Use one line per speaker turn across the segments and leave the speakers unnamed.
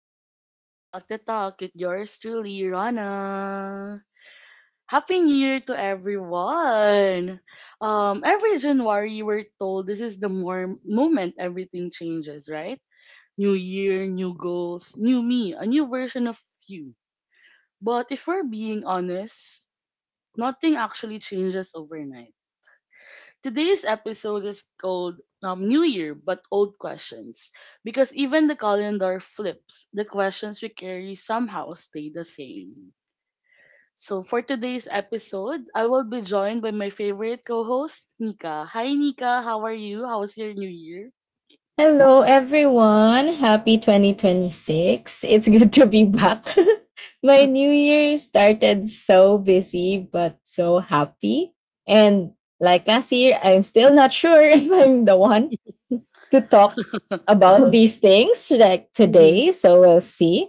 Welcome back to Talk the Talk with yours truly, Rana. Happy New Year to everyone! Every January we're told this is the more moment everything changes, right? New year, new goals, new me, a new version of you. But if we're being honest, nothing actually changes overnight. Today's episode is called New Year but Old Questions, because even the calendar flips, the questions we carry somehow stay the same. So for today's episode, I will be joined by my favorite co-host, Nika. Hi Nika, how are you? How was your new year?
Hello, everyone. Happy 2026. It's good to be back. My new year started so busy, but so happy. And like last year, I'm still not sure if I'm the one to talk about these things like
Mm-hmm.
today. So we'll see.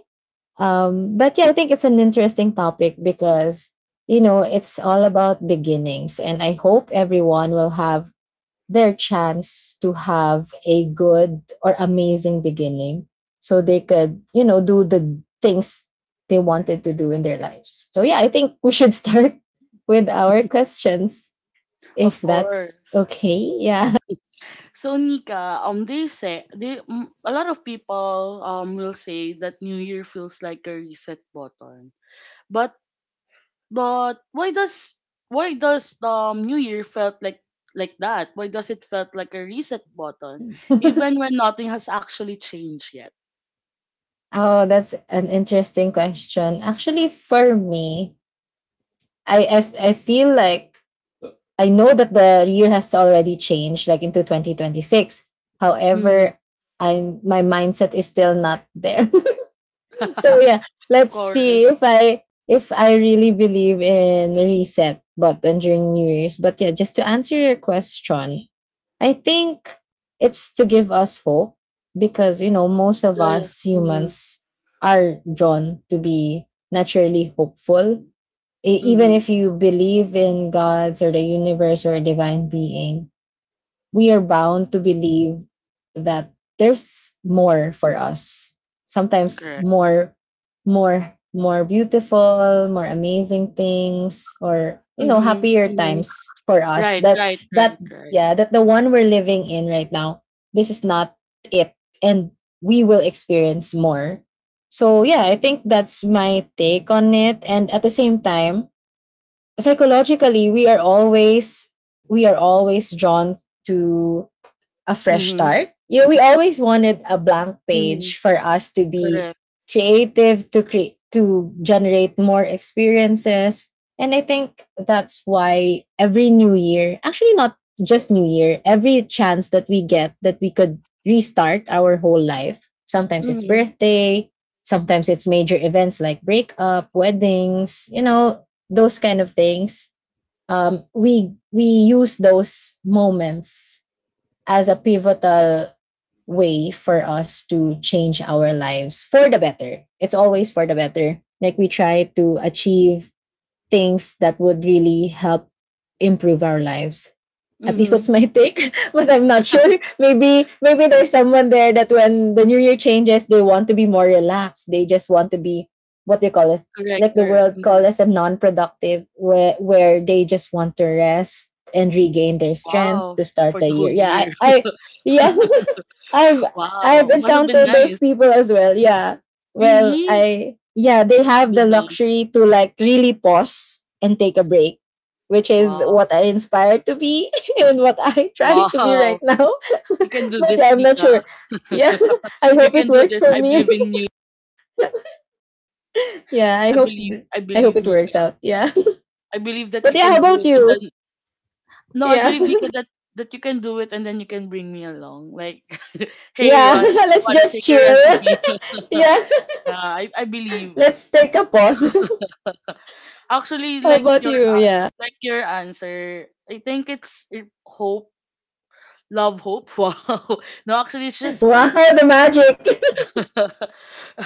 But yeah, I think it's an interesting topic because, you know, it's all about beginnings. And I hope everyone will have their chance to have a good or amazing beginning so they could, you know, do the things they wanted to do in their lives. So, yeah, I think we should start with our questions if
Of
that's
course.
okay. Yeah.
So Nika, they say they mm, a lot of people will say that New Year feels like a reset button, but But why does why does New Year felt like that? Why does it felt like a reset button, even when nothing has actually changed yet?
Oh, that's an interesting question. Actually, for me, I feel like I know that the year has already changed, like into 2026.
Hmm.
However, I'm my mindset is still not there. So
Of
yeah, let's
course.
see if I really believe in reset button during new year's. But yeah, just to answer your question, I think it's to give us hope, because, you know, most of
Yes.
us
Mm-hmm.
humans are drawn to be naturally hopeful. Even
Mm-hmm.
if you believe in gods or the universe or a divine being, we are bound to believe that there's more for us. Sometimes
Correct.
more, more, more beautiful, more amazing things, or you know,
Mm-hmm.
happier
Mm-hmm.
times for us.
Right.
That
Right. Right.
that
Right.
yeah, that the one we're living in right now, this is not it. And we will experience more. So yeah, I think that's my take on it. And at the same time, psychologically, we are always drawn to a fresh
Mm-hmm.
start. You know, we always wanted a blank
Mm-hmm.
page for us to be
Correct.
creative, to create to generate more experiences. And I think that's why every new year, actually not just new year, every chance that we get that we could restart our whole life. Sometimes it's
Mm-hmm.
birthday, sometimes it's major events like breakup, weddings, you know, those kind of things. We use those moments as a pivotal way for us to change our lives for the better. It's always for the better. Like we try to achieve things that would really help improve our lives. At least
Mm-hmm.
that's my take, but I'm not sure. Maybe there's someone there that when the new year changes, they want to be more relaxed. They just want to be what they call it, like
Correct.
the
Correct.
world
Mm-hmm.
call as a non-productive, where they just want to rest and regain their strength
Wow.
to start
For
the
the whole
year. Yeah,
year.
I yeah, I've I've
Wow. Must have been
encountered those
nice.
people as well. Yeah. Well,
Really?
I yeah, they
Must have
have the
been nice.
luxury to like really pause and take a break, which is
Wow.
what I inspire to be and what I try to be right
Wow.
now.
You can do
But
this,
yeah, I'm not
Nika.
sure. Yeah, I
You
hope it
can do
works
this.
for
I
me.
believe in you.
Yeah,
I believe. I
I hope
believe,
it works
Nika.
out. Yeah.
I believe that
But
you
yeah, how
can do
about
it.
you?
No, I
Yeah.
believe, Nika, that that you can do it, and then you can bring me along. Like, hey,
Yeah,
Ron, I
let's
wanna
just
take a
chill.
recipe?
Yeah,
Yeah, I believe.
let's take a pause.
Actually,
How about you? Yeah.
like your answer, I think it's hope, love, hope. Wow. No, actually, it's just
Wow,
hope.
the magic.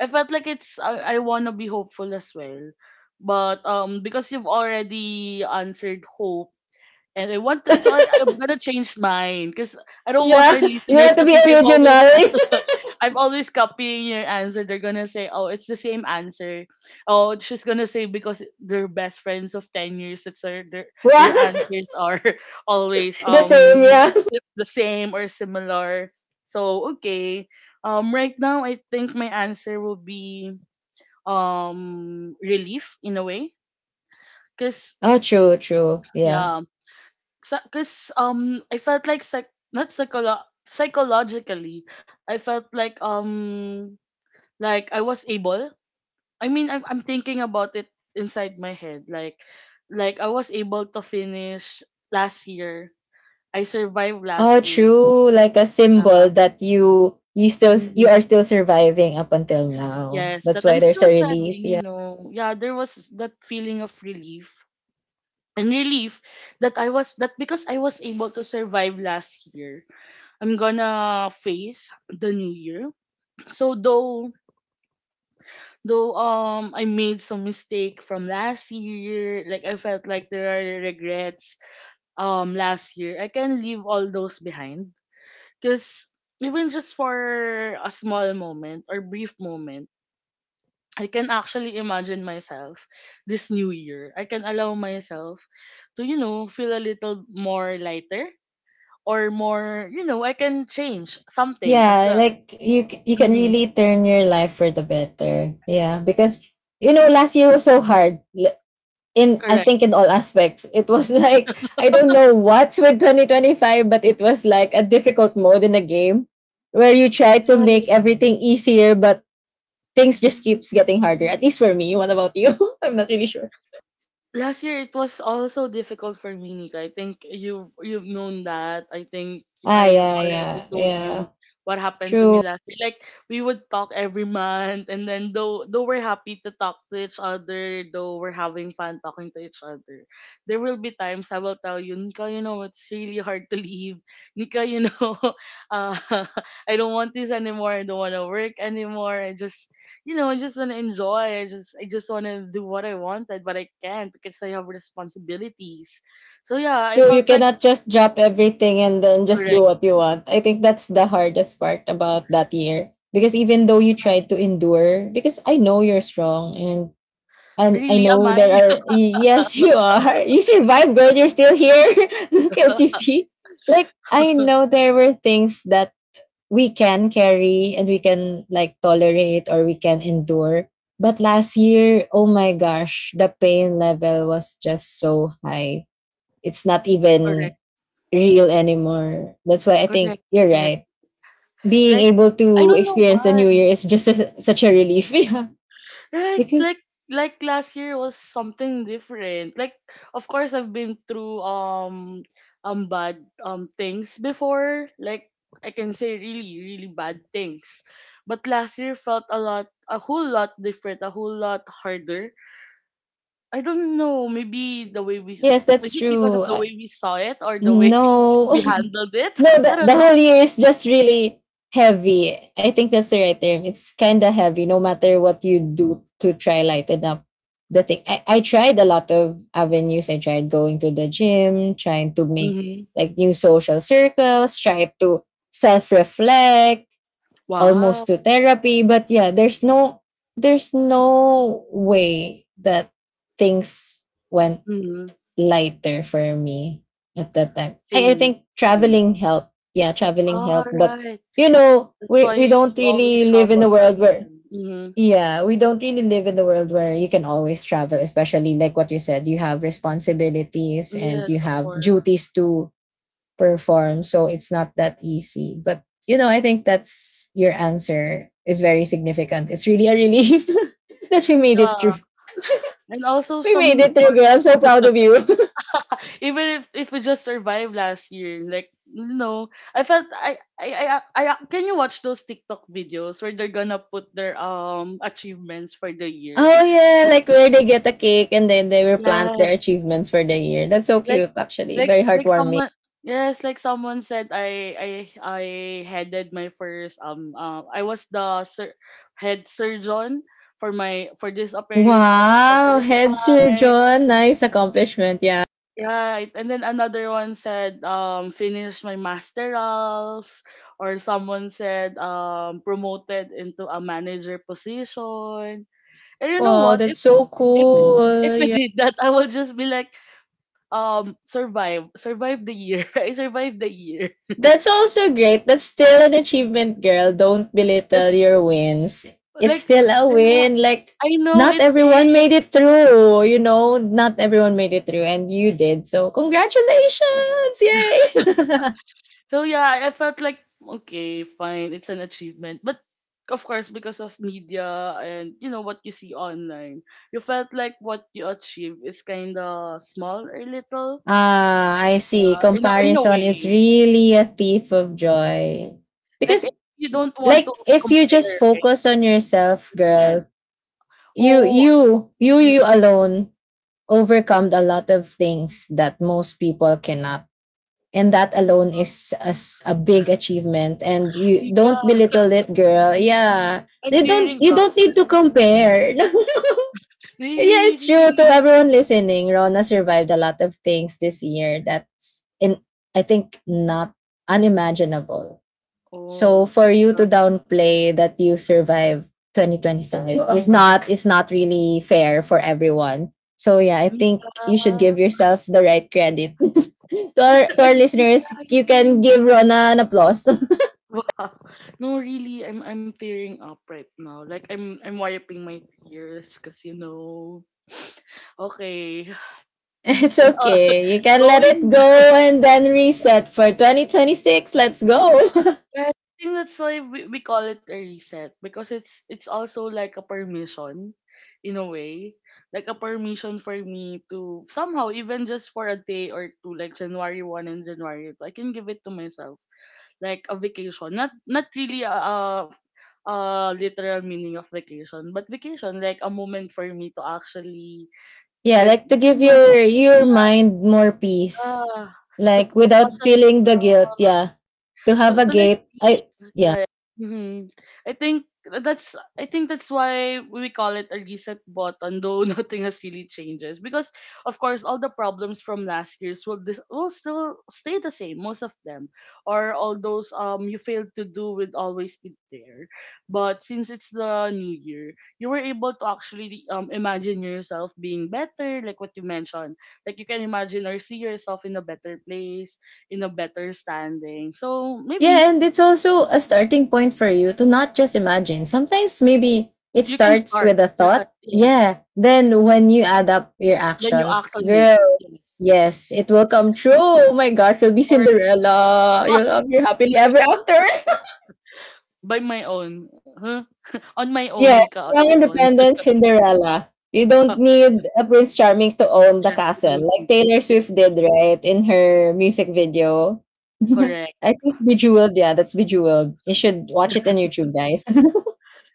I felt like it's I want to be hopeful as well. But because you've already answered hope and I want to, so I'm gonna change mine because I don't want
Yeah,
our
you
listeners
want to
to
be
think I'm always
original.
I'm always copying your answer. They're gonna say, "Oh, it's the same answer." Oh, she's gonna say because they're best friends of 10 years. That's their their, their
Wow,
answers are always
the same. Yeah.
the same or similar. So okay, right now I think my answer will be relief in a way, cause
Oh, true, true. Yeah.
yeah, because I felt like psych not psycholo- psychologically I felt like I was able. I mean I'm thinking about it inside my head, like I was able to finish last year, I survived
Oh,
last year.
true. Like a symbol
uh,
that you still you
mhm.
are still surviving up until now.
Yes,
That's
that
why
I'm
there's a
still
relief.
traveling, you
Yeah.
know, yeah, there was that feeling of relief, and relief that I was that because I was able to survive last year, I'm gonna face the new year. So though I made some mistake from last year, like I felt like there are regrets last year, I can leave all those behind. Cause even just for a small moment or brief moment, I can actually imagine myself this new year. I can allow myself to, you know, feel a little more lighter or more, you know, I can change something as
Yeah,
well.
like
So,
you can
mhm,
really turn your life for the better. Yeah, because you know last year was so hard. In I
correct.
think in all aspects, it was like I don't know what's with 2025, but it was like a difficult mode in a game where you try to make everything easier, but things just keeps getting harder. At least for me. What about you? I'm not really sure.
Last year it was also difficult for me, Nika. I think you've known that. I think
Ah,
I've
yeah,
already
yeah,
told you
yeah.
what happened to me
True.
last year. Like we would talk every month, and then though we're happy to talk to each other, though we're having fun talking to each other, there will be times I will tell you, Nika, you know, it's really hard to leave. Nika, you know, uh, I don't want this anymore, I don't wanna work anymore. I just you know, I just wanna enjoy. I just wanna do what I wanted, but I can't because I have responsibilities. So yeah, I
True. You
felt like
cannot just drop everything and then just do
correct.
what you want. I think that's the hardest part about that year. Because even though you try
Uh,
to endure, because I know you're strong and I
Really, am
know
I
there are yes, you are. You survived, girl. You're still here. Can't you see? Like I know there were things that we can carry and we can like tolerate or we can endure. But last year, oh my gosh, the pain level was just so high. It's not even
correct?
real anymore. That's why I think
Correct,
you're
correct.
right. Being
Like
able
I
to
don't know
experience the new
why.
year is just a, such a relief. Yeah.
Right?
Because,
Like last year was something different. Like of course I've been through bad things before. Like I can say really, really bad things. But last year felt a lot, a whole lot different, a whole lot harder. I don't know. Maybe the way we
yes, that's
Was it because of
true.
the way we saw it or the way
No,
we handled it?
No,
I don't
the
know.
whole year is just really heavy. I think that's the right term. It's kind of heavy, no matter what you do to try lighten up the thing. I tried a lot of avenues. I tried going to the gym, trying to make
Mm-hmm.
like new social circles, tried to self reflect, almost
Wow.
to therapy. But yeah, there's no way that things went
Mm-hmm.
lighter for me at that time. I
Same.
think
Same.
traveling helped. Yeah, traveling
All
helped. But
right.
you know,
That's
we
why
don't
you always
really live
travel
in a
that
world where
same. Mm-hmm.
yeah, we don't really live in the world where you can always travel, especially like what you said, you have responsibilities and you
Yes, of
have
course.
duties to perform. So it's not that easy. But you know, I think that's your answer is very significant. It's really a relief that we made it through.
Yeah. And also
We made
some
it through,
sort
girl. I'm so proud of you.
even if we just survived last year, like no. I felt I can you watch those TikTok videos where they're gonna put their achievements for the year?
Oh yeah, like where they get a cake and then they will plant their
Yes,
achievements for the year. That's so
like
cute actually. Very
like
heartwarming.
someone yes, like someone said I headed my first I was the head surgeon for my for this operation for the
Wow,
first
head
time.
surgeon. Nice accomplishment. Yeah.
Right. And then another one said finish my masterals, or someone said promoted into a manager position. And you know
Wow,
what?
that's so
If if
cool.
I
Yeah.
did that, I would just be like survive the year I survived the year.
That's also great. That's still an achievement, girl. Don't belittle
That's
your wins. It's
Like
still a
yeah,
win. Like
I know
not
it
everyone
is.
made it through, you know, not everyone made it through and you did. So congratulations. Yay.
So yeah, I felt like okay, fine, it's an achievement, but of course because of media and you know what you see online, you felt like what you achieve is kind of small or little.
Ah, I see.
Yeah, in a
Comparison is
way,
really a thief of joy.
like
Because
if you don't want to
like if you
compare,
just
right,
focus
but
on yourself,
you just can.
girl, you
Oh,
you you
mm,
you alone overcome a lot of things that most people cannot. And that alone is a, a big achievement. And you don't
Nika,
belittle it, girl. Yeah.
I'm
They don't
tearing
you
up.
don't need to compare. Yeah,
Really,
it's true. To
really.
everyone listening, Rona survived a lot of things this year that's in I think not unimaginable. So
Oh
for you to
ba?
downplay that you survived 2025 is not really fair for everyone. So yeah, I think
Mika,
you should give yourself the right credit. To our
I'm really
listeners, you can
crying.
give Rona an applause.
Wow. No, really, I'm tearing up right now. Like I'm wiping my tears because you know. Okay.
It's
Uh,
okay. You can let it
going back,
go and then reset for 2026. Let's go.
I think that's why we call it a reset, because it's also like a permission in a way. Like a permission for me to somehow, even just for a day or two, like January one and January two, I can give it to myself like a vacation. Not not really a literal meaning of vacation, but vacation like a moment for me to actually
Yeah,
get
like to
be
give
more
your
hopeful.
your
Yeah
mind more peace,
uh,
like
to
without
pause a bit,
feeling the guilt. Yeah, to have a
to like
gate.
be
I yeah
yeah, hmm, I think that's why we call it a reset button, though nothing has really changes. Because of course all the problems from last year's will this will still stay the same, most of them. Or all those you failed to do will always be there. But since it's the new year, you were able to actually imagine yourself being better, like what you mentioned. Like you can imagine or see yourself in a better place, in a better standing. So maybe
yeah, and it's also a starting point for you to not just imagine. Sometimes maybe it
you can
starts
start.
with a
Yeah,
thought.
yes.
Yeah, then when you add up your
Then you act
actions,
on it.
girl,
Yes.
yes, it will come true. Oh my God,
Of
you'll be
course.
Cinderella.
Wah,
You'll have your happily ever after.
by my own. Huh? On my own,
Yes,
Nika, on
Young
my own.
Independent Cinderella. You don't need a Prince Charming to own the
Yes, I
castle,
don't
like
think.
Taylor Swift did,
Yes.
right, in her music video.
Correct.
I think Bejeweled, yeah, that's Bejeweled. You should watch it on YouTube, guys.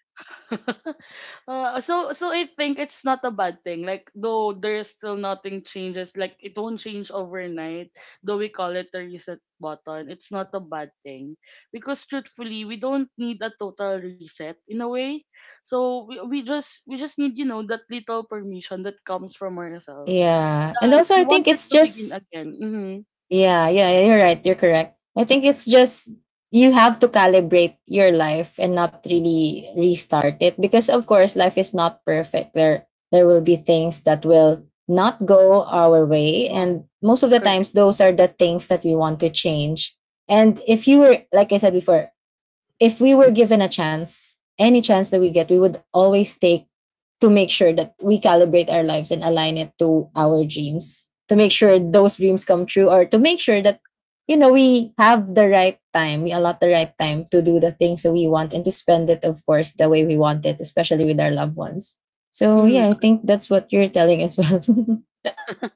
So so I think it's not a bad thing. Like though there's still nothing changes, like it won't change overnight. Though we call it the reset button, it's not a bad thing because truthfully, we don't need a total reset in a way. So we just need you know that little permission that comes from ourselves,
Yeah, and
that
also
we
I think
wanted
it's
to begin
just
again. Mm-hmm.
yeah, yeah, yeah, you're right. You're correct. I think it's just you have to calibrate your life and not really restart it because of course life is not perfect. There will be things that will not go our way
Uh-huh.
and most of the
Correct.
times those are the things that we want to change. And if you were like I said before, if we were given a chance, any chance that we get, we would always take to make sure that we calibrate our lives and align it to our dreams, to make sure those dreams come true, or to make sure that, you know, we have the right time, we allot the right time to do the things that we want and to spend it, of course, the way we want it, especially with our loved ones. So,
Mm.
yeah, I think that's what you're telling as well.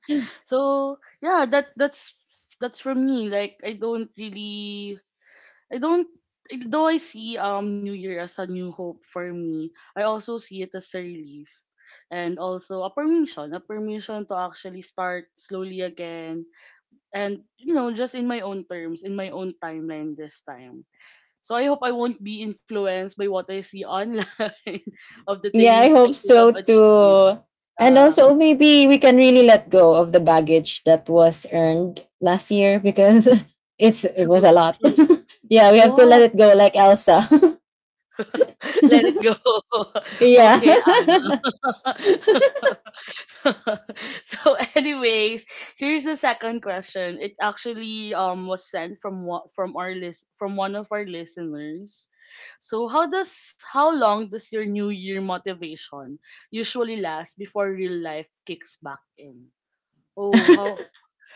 So yeah, that's from me. Like I don't really I don't though I see New Year as a new hope for me, I also see it as a relief and also a permission to actually start slowly again and you know, just in my own terms, in my own timeline this time. So I hope I won't be influenced by what I see online of the
Yeah, I
things I
hope
should
so
have achieved.
too. And
Uh,
also, maybe we can really let go of the baggage that was earned last year because it was a
true,
lot.
true.
Yeah,
It
we have to let
was.
it go, like Elsa.
Let it go. Okay, Anna.
Yeah,
So anyways, here's the second question. It actually was sent from what from our list, from one of our listeners. So how does how long does your new year motivation usually last before real life kicks back in? Oh, how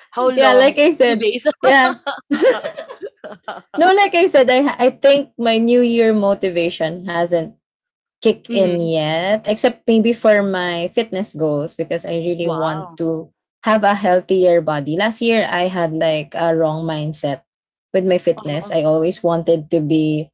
how
yeah, like
long?
I
two
said,
days
yeah. No, like I said, I think my New Year motivation hasn't kick in
Mm-hmm.
yet, except maybe for my fitness goals because I really want
Wow.
to have a healthier body. Last year, I had like a wrong mindset with my fitness.
Uh-huh.
I always wanted to be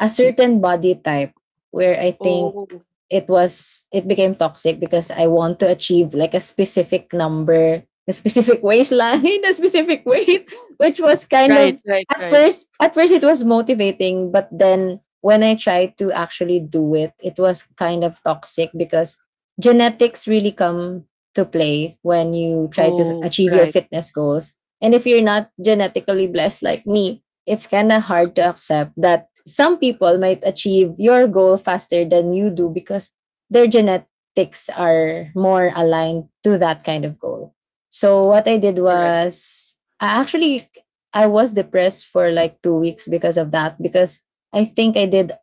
a certain body type where I think
Oh
it became toxic because I want to achieve like a specific number, a specific waistline, a specific weight, which was kind of
right right right.
at first it was motivating, but then when I tried to actually do it, it was kind of toxic because genetics really come to play when you try to
Oh
achieve your
right.
fitness goals. And if you're not genetically blessed like me, it's kind of hard to accept that some people might achieve your goal faster than you do because their genetics are more aligned to that kind of goal. So what I did
Correct.
was I actually I was depressed for like 2 weeks because of that because I think I did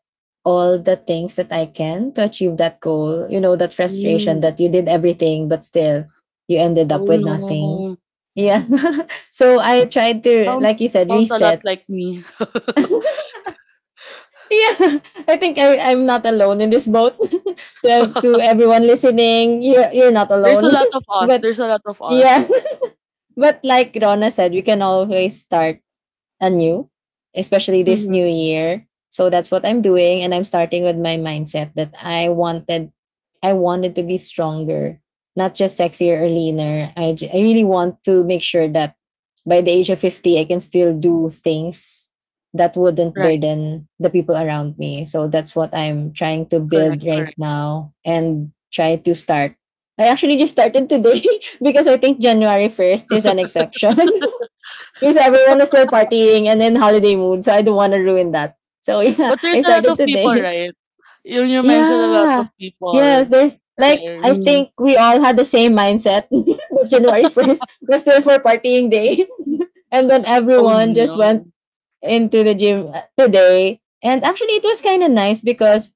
all the things that I can to achieve that goal. You know, that frustration
Mm.
that you did everything but still you ended up
Oh
with nothing.
no.
Yeah. So I tried to, like you
Sounds
said,
sounds a lot
reset.
like me.
Yeah, I think I'm not alone in this boat. to ev- to everyone listening, you're not
There's a
alone.
lot of us.
But
There's a lot of
yeah,
us.
but like Rona said, we can always start anew, especially this new
Hmm.
year. So that's what I'm doing. And I'm starting with my mindset that I wanted to be stronger, not just sexier or leaner. I really want to make sure that by the age of 50, I can still do things that wouldn't
Right.
burden the people around me. So that's what I'm trying to
Correct.
build
Correct.
right now and try to start. I actually just started today because I think January 1st is an exception. Because everyone was still partying and in holiday mood. So I don't want to ruin that. So yeah,
But
I
there's a lot
started
of people,
today.
right? You mentioned a lot of
Yeah.
people
Yes, there's like
there.
I
Mhm.
think we all had the same mindset. But January 1st was still for partying day. And then
Oh
everyone just
no.
went into the gym today. And actually it was kind of nice because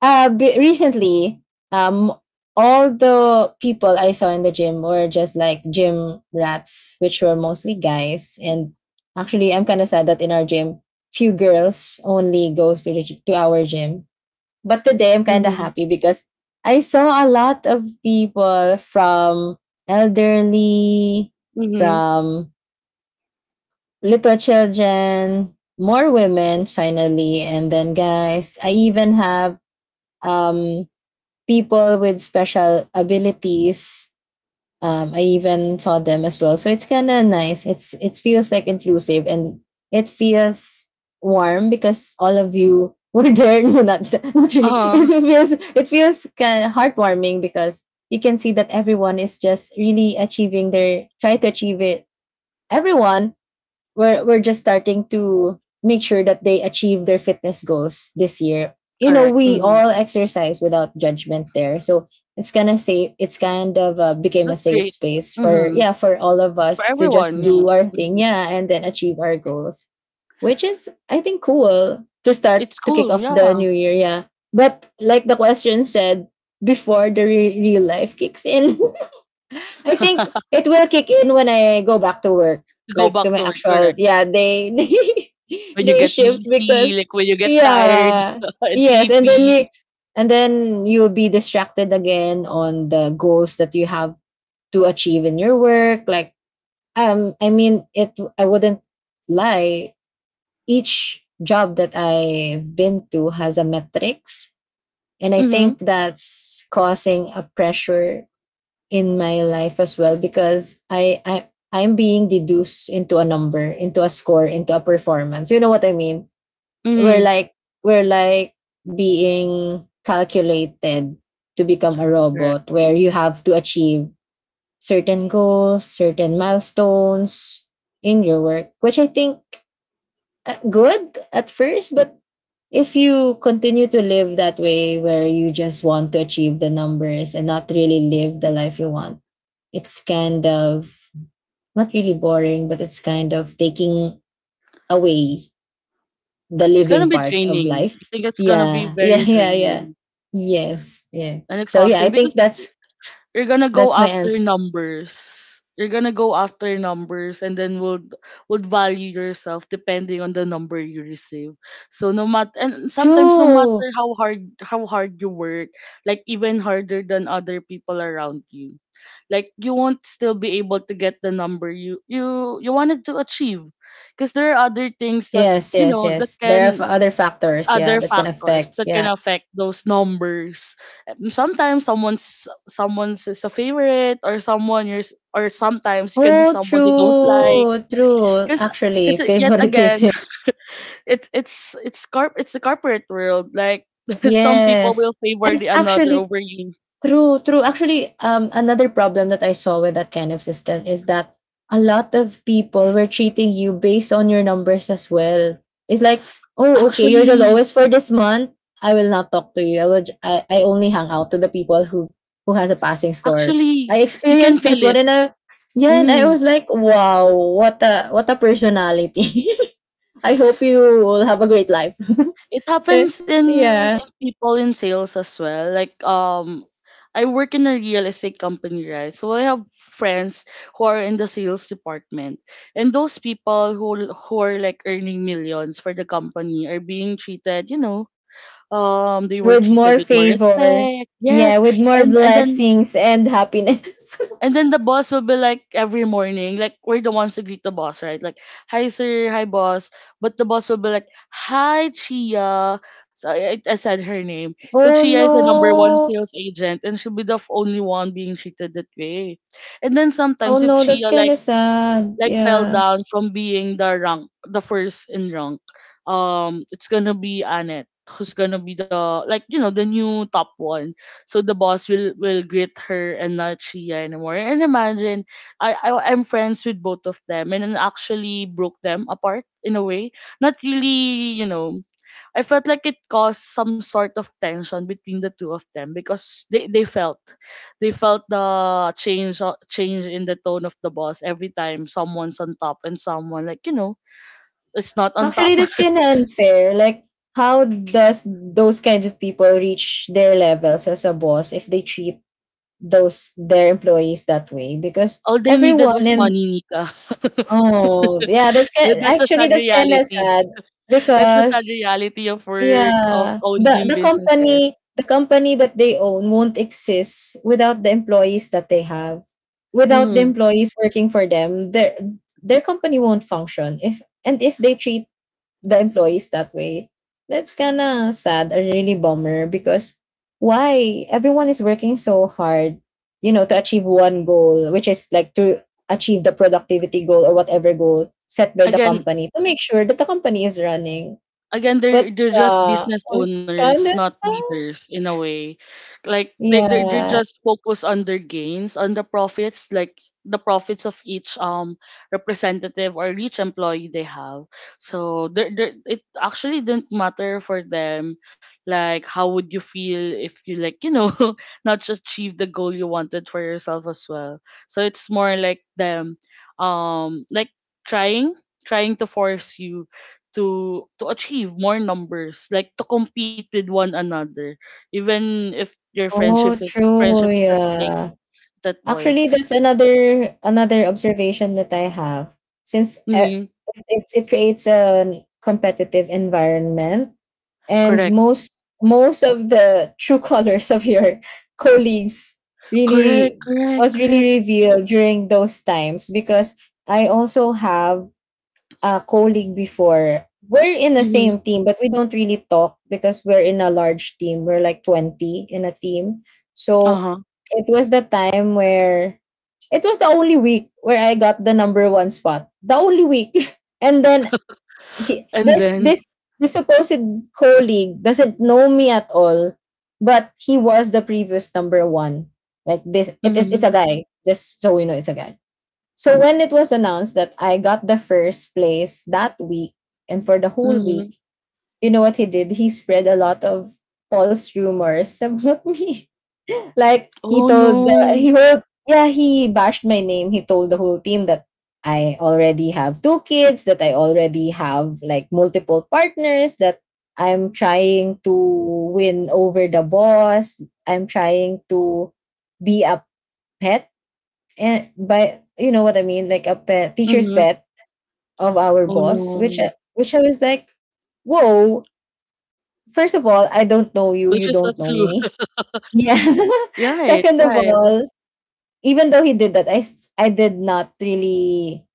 recently, um, all the people I saw in the gym were just like gym rats, which were mostly guys. And actually, I'm kind of sad that in our gym, few girls only goes to to our gym. But today, I'm kind of
Mhm.
happy because I saw a lot of people from elderly,
Mhm.
from little children, more women finally, and then guys. I even have um people with special abilities. I even saw them as well. So it's kind of nice. It feels like inclusive and it feels warm because all of you were there. No, not
Uh
really.
huh.
It feels kind of heartwarming because you can see that everyone is just really achieving their try to achieve it. Everyone We're just starting to make sure that they achieve their fitness goals this year. You know,
Correct.
we
Mhm.
all exercise without judgment there. So it's kind of safe. It's kind of became a
That's
safe
great.
space for,
Mhm.
yeah, for all of
For
us to just
everyone,
do
yes.
our thing,
Mhm.
yeah, and then achieve our goals, which is I think cool to start
It's
to kick
cool.
off the
Yeah.
new year, yeah. But like the question said, before real life kicks in. I think it will kick in when I go back to work,
Go
like to
back
my
to work.
actual.
Correct.
Yeah, they
When you
they
get
shift
busy,
because
like when you get tired
yeah,
and
yes, and then
sleepy.
you and then you'll be distracted again on the goals that you have to achieve in your work. Like I mean, it. I wouldn't lie. Each job that I've been to has a metrics, and I
Mhm.
think that's causing a pressure in my life as well because I'm being deduced into a number, into a score, into a performance. You know what I mean? We're
Mhm.
like we're like being calculated to become a
Correct.
robot where you have to achieve certain goals, certain milestones in your work, which I think good at first, but if you continue to live that way where you just want to achieve the numbers and not really live the life you want, it's kind of not really boring, but it's kind of taking away the
It's gonna
living
be
part of
draining. I
life.
think it's gonna be
Yeah,
very
yeah.
draining
Yes, yeah.
and
So yeah,
exhausting
I
because
think
you're gonna go
that's my
after
answer.
numbers. You're gonna go after numbers, and then would value yourself depending on the number you receive. So no matter and sometimes no matter
True.
how hard you work, like even harder than other people around you, like you won't still be able to get the number you wanted to achieve because there are other things that you know that
Yes. There are
can
other factors, yeah,
other
that can
factors
affect.
that can
Yeah.
affect those numbers. Sometimes someone's is a favorite, or someone you're s- or sometimes you can be
Oh,
someone they don't like.
true.
Cause,
Actually,
cause yet again,
favoritism.
it's the corporate world. Like some people will
Yes,
favor the
and
another
actually,
over you.
true, true. Actually, another problem that I saw with that kind of system is that a lot of people were treating you based on your numbers as well. It's like, oh, okay, you're the
Actually,
lowest for this month. I will not talk to you. I will. J- I only hang out to the people who has a passing score.
actually,
I
you can
experienced
feel
that one,
it.
and I yeah, and I
Mm-hmm.
was like, wow, what a personality. I hope you will have a great life.
It happens
Yeah.
in people in sales as well. Like um, I work in a real estate company, right? So I have friends who are in the sales department. And those people who are like earning millions for the company are being treated, you know, um, they were
With
treated with
more
more
favor.
respect.
Yeah,
Yes.
with more
And and then
blessings and happiness.
and then the boss will be like every morning, like we're the ones to greet the boss, right? Like, hi sir, hi boss. But the boss will be like, hi Chia. So I said her name. So
Oh
Chia is a number one
no.
sales agent, and she'll be the only one being treated that way. And then
Oh
sometimes if
no, that's
Chia
kind of sad.
like fell
Yeah.
down from being the rank, the first in rank, um, it's gonna be Annette who's gonna be the like you know the new top one. So the boss will greet her and not Shia anymore. And imagine, I'm friends with both of them, and then actually broke them apart in a way, not really, you know. I felt like it caused some sort of tension between the two of them because they felt, they felt the change change in the tone of the boss every time someone's on top and someone like you know is not on
Actually,
top.
that's kind of unfair. Like, how does those kinds of people reach their levels as a boss if they treat those their employees that way? Because
All they needed
everyone
was
in
money, Nika.
oh yeah,
That's the
actually
sad
that's kind of
reality.
sad
That's the sad
because
reality of work, of
yeah,
owning businesses.
the company that they own won't exist without the employees that they have. Without the
Hmm.
employees working for them, their company won't function. If they treat the employees that way, that's kinda sad, a really bummer because why? Everyone is working so hard, you know, to achieve one goal, which is like to achieve the productivity goal or whatever goal set by the
Again,
company to make sure that the company is running.
again,
But
they're just
yeah,
business
was
owners,
kind.
not leaders in a way. Like they're
Yeah.
just focused on their gains, on the profits, like the profits of each representative or each employee they have. So it actually didn't matter for them, like how would you feel if you, like, you know, not just achieve the goal you wanted for yourself as well. So it's more like them, um, like trying trying to force you to achieve more numbers, like to compete with one another, even if your
Oh, true,
friendship is at stake
yeah.
at that point.
Actually, that's another observation that I have. Since
Mm-hmm.
it creates a competitive environment and
Correct.
most of the true colors of your colleagues
Correct.
really
Correct.
was really
Correct.
revealed during those times because I also have colleague before. We're in the
Mm-hmm.
same team, but we don't really talk because we're in a large team. We're like 20 in a team.
Uh
So
huh.
it was the time where it was the only week where I got the number one spot. The only week. And then he,
And
this
then,
this this supposed colleague doesn't know me at all, but he was the previous number one. Like this it is
mm-hmm,
it's a guy. Just so we know it's a guy. So when it was announced that I got the first place that week and for the whole
mm-hmm.
week, you know what he did? He spread a lot of false rumors about me. Like
Oh no,
he told, yeah, he bashed my name. He told the whole team that I already have two kids, that I already have like multiple partners, that I'm trying to win over the boss. I'm trying to be a pet, and by you know what I mean, like a pet, teacher's
mm-hmm.
pet of our
Oh
boss, which
no,
which I was like, whoa. First of all, I
which
don't
is
know
not
you.
true.
You don't know me. Yeah.
Right, right.
Second of all, even though he did that, I did not really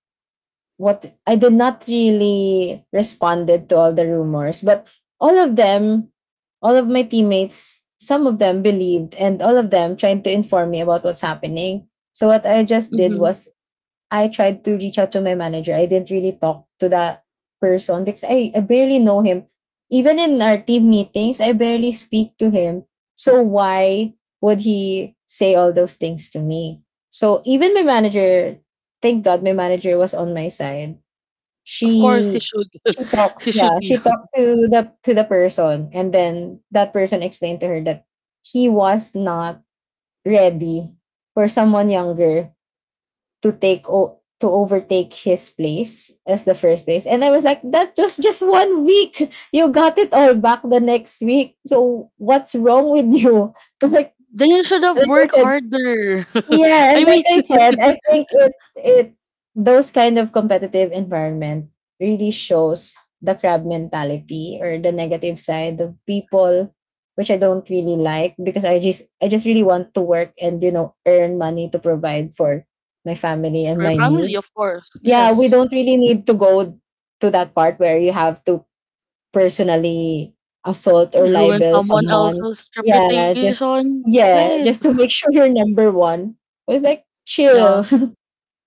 what I did not really responded to all the rumors, but all of them, all of my teammates, some of them believed, and all of them trying to inform me about what's happening. So what I just did
Mm-hmm.
was I tried to reach out to my manager. I didn't really talk to that person because I barely know him. Even in our team meetings, I barely speak to him. So why would he say all those things to me? So even my manager, thank God my manager was on my side.
Of course, he
She
should, he should
yeah,
be.
she talked to the person and then that person explained to her that he was not ready for someone younger to to overtake his place as the first place. And I was like, that was just one week. You got it all back the next week. So what's wrong with you? Like
Then you should have
like I
worked
said,
harder.
yeah,
I
and
mean,
like I said, I think it those kind of competitive environment really shows the crab mentality or the negative side of people, which I don't really like because I just really want to work and you know earn money to provide for my family and
for your
my
family,
needs.
of course.
Yeah, we
Yes.
don't really need to go to that part where you have to personally assault or
Ruin
libel
someone
someone.
else's
Yeah, just
reputation. Right.
yeah, just to make sure you're number one. It was like
Yeah.
chill.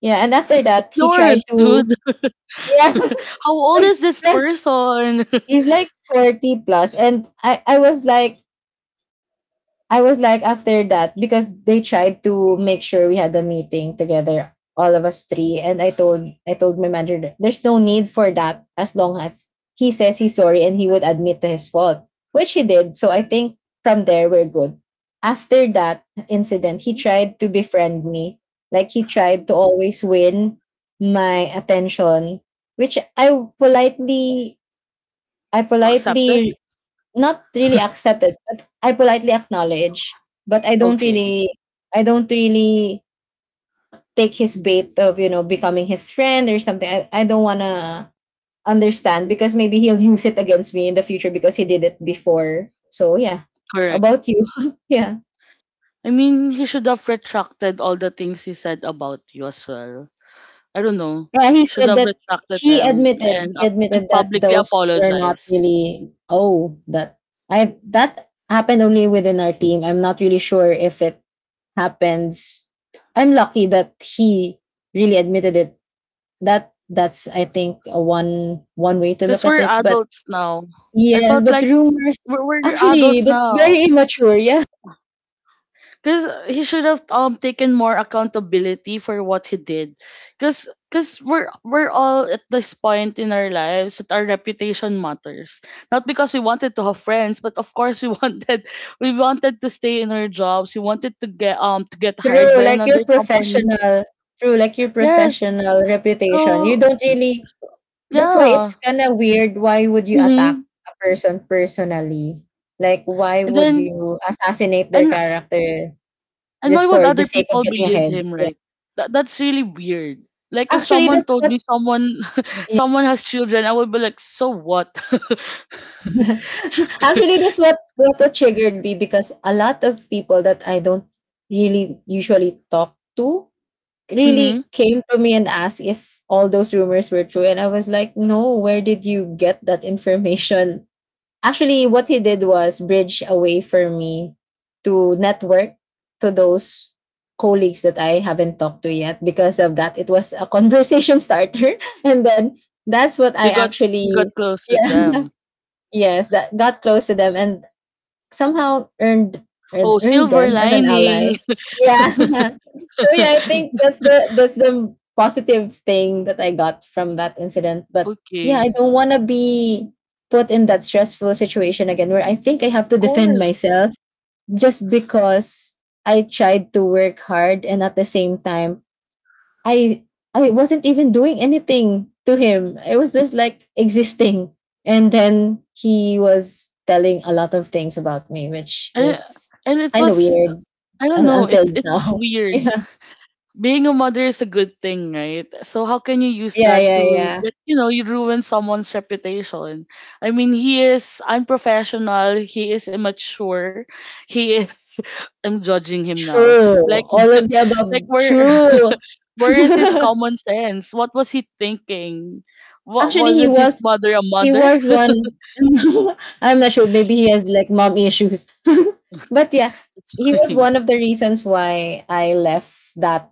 Yeah, and after
It's
that he tried
yours,
to
dude.
yeah.
How old is this
Plus
person?
he's like 40 plus and I was like, after that, because they tried to make sure we had a meeting together, all of us three. And I told my manager that there's no need for that as long as he says he's sorry and he would admit to his fault, which he did. So I think from there we're good. After that incident, he tried to befriend me. Like he tried to always win my attention, which politely I
Accepted?
politely not really accepted, but I politely acknowledge, but I don't
Okay.
really I don't really take his bait of, becoming his friend or something. I don't wanna understand because maybe he'll use it against me in the future because he did it before. So yeah.
Correct.
About you. yeah.
I mean, he should have retracted all the things he said about you as well. I don't know.
Yeah, he
Should
said
have
that
retracted
he
them
admitted
and
he
up and
admitted that
publicly
those were not
apologize.
really oh that I that happened only within our team. I'm not really sure if it happens. I'm lucky that he really admitted it. That that's I think a one way to look
Because
at
we're
it. But
adults now. I
yes,
felt
but
like
rumors
we're
actually
adults
that's
now.
very immature. Yeah,
Cause he should have taken more accountability for what he did. Cause cause we're all at this point in our lives that our reputation matters. Not because we wanted to have friends, but of course we wanted we wanted to stay in our jobs. We wanted to get hired
true.
by
Like your
another company.
professional, true. Like your
Yes.
professional reputation. You
So
don't really. That's why
yeah.
it's kind of weird. Why would you attack
Mm-hmm.
a person personally? Like, why
And
would
then
you assassinate their
and
character
and why
just
would
for the
other
sake of
people
getting
believe
ahead?
him,
Yeah.
right? That's really weird. Like if
Actually,
someone
that's
told
what.
me someone
Yeah.
someone has children, I would be like, so what?
Actually, that's what triggered me because a lot of people that I don't really usually talk to
Mm-hmm.
really came to me and asked if all those rumors were true, and I was like, "No, where did you get that information?" Actually, what he did was bridge a way for me to network to those colleagues that I haven't talked to yet. Because of that, it was a conversation starter. And then that's what I
You got
actually,
you got close with
yeah,
them.
yes, that got close to them. And somehow earned earned
Oh,
earned
silver
them as an
lining.
allies. Yeah. so yeah, I think that's the positive thing that I got from that incident. But yeah, I
Okay,
don't want to be put in that stressful situation again where I think I have to
of
defend
course.
myself just because I tried to work hard and at the same time I I wasn't even doing anything to him. I was just like existing. And then he was telling a lot of things about me, which
And
is
and it
kind of
was,
weird
I don't
un-
know.
until
It's
now.
weird. Being a mother is a good thing, right? So how can you use
Yeah,
that
yeah, yeah,
to
yeah.
that, you know, you ruin someone's reputation? I mean, he is unprofessional, he is immature, he is I'm judging him now.
True.
Like
All of the above.
where
True.
where is his common sense? What was he thinking? What
Actually, he
wasn't his
was
mother a
he
mother?
was one. I'm not sure. Maybe he has like mom issues. but yeah,
It's
he was one of the reasons why I left that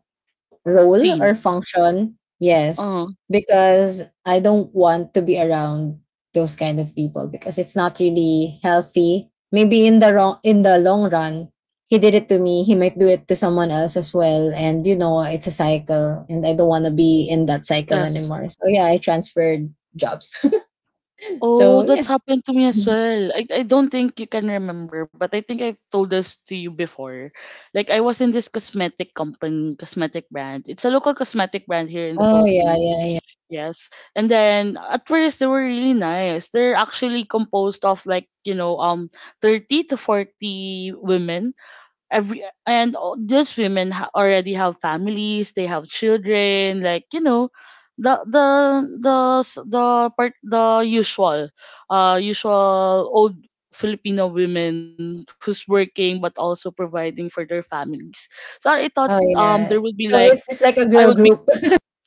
role
Teen.
or function. Yes,
Oh,
because I don't want to be around those kind of people because it's not really healthy. Maybe in the long run, he did it to me. He might do it to someone else as well, and you know it's a cycle. And I don't want to be in that cycle
yes.
anymore. So yeah, I transferred jobs.
Oh,
so yeah.
that's happened to me as
Mhm.
well. I don't think you can remember, but I think I've told this to you before. Like, I was in this cosmetic company, cosmetic brand. It's a local cosmetic brand here in the
Oh yeah,
Philippines.
yeah, yeah.
Yes. And then at first they were really nice. They're actually composed of like, you know, um, 30 to 40 women. These women already have families, they have children, like you know, the the the s- the part the usual usual old Filipino women who's working but also providing for their families. So I thought
Oh
there
yeah.
would be
So
like,
it's like a
I
girl
would be
group.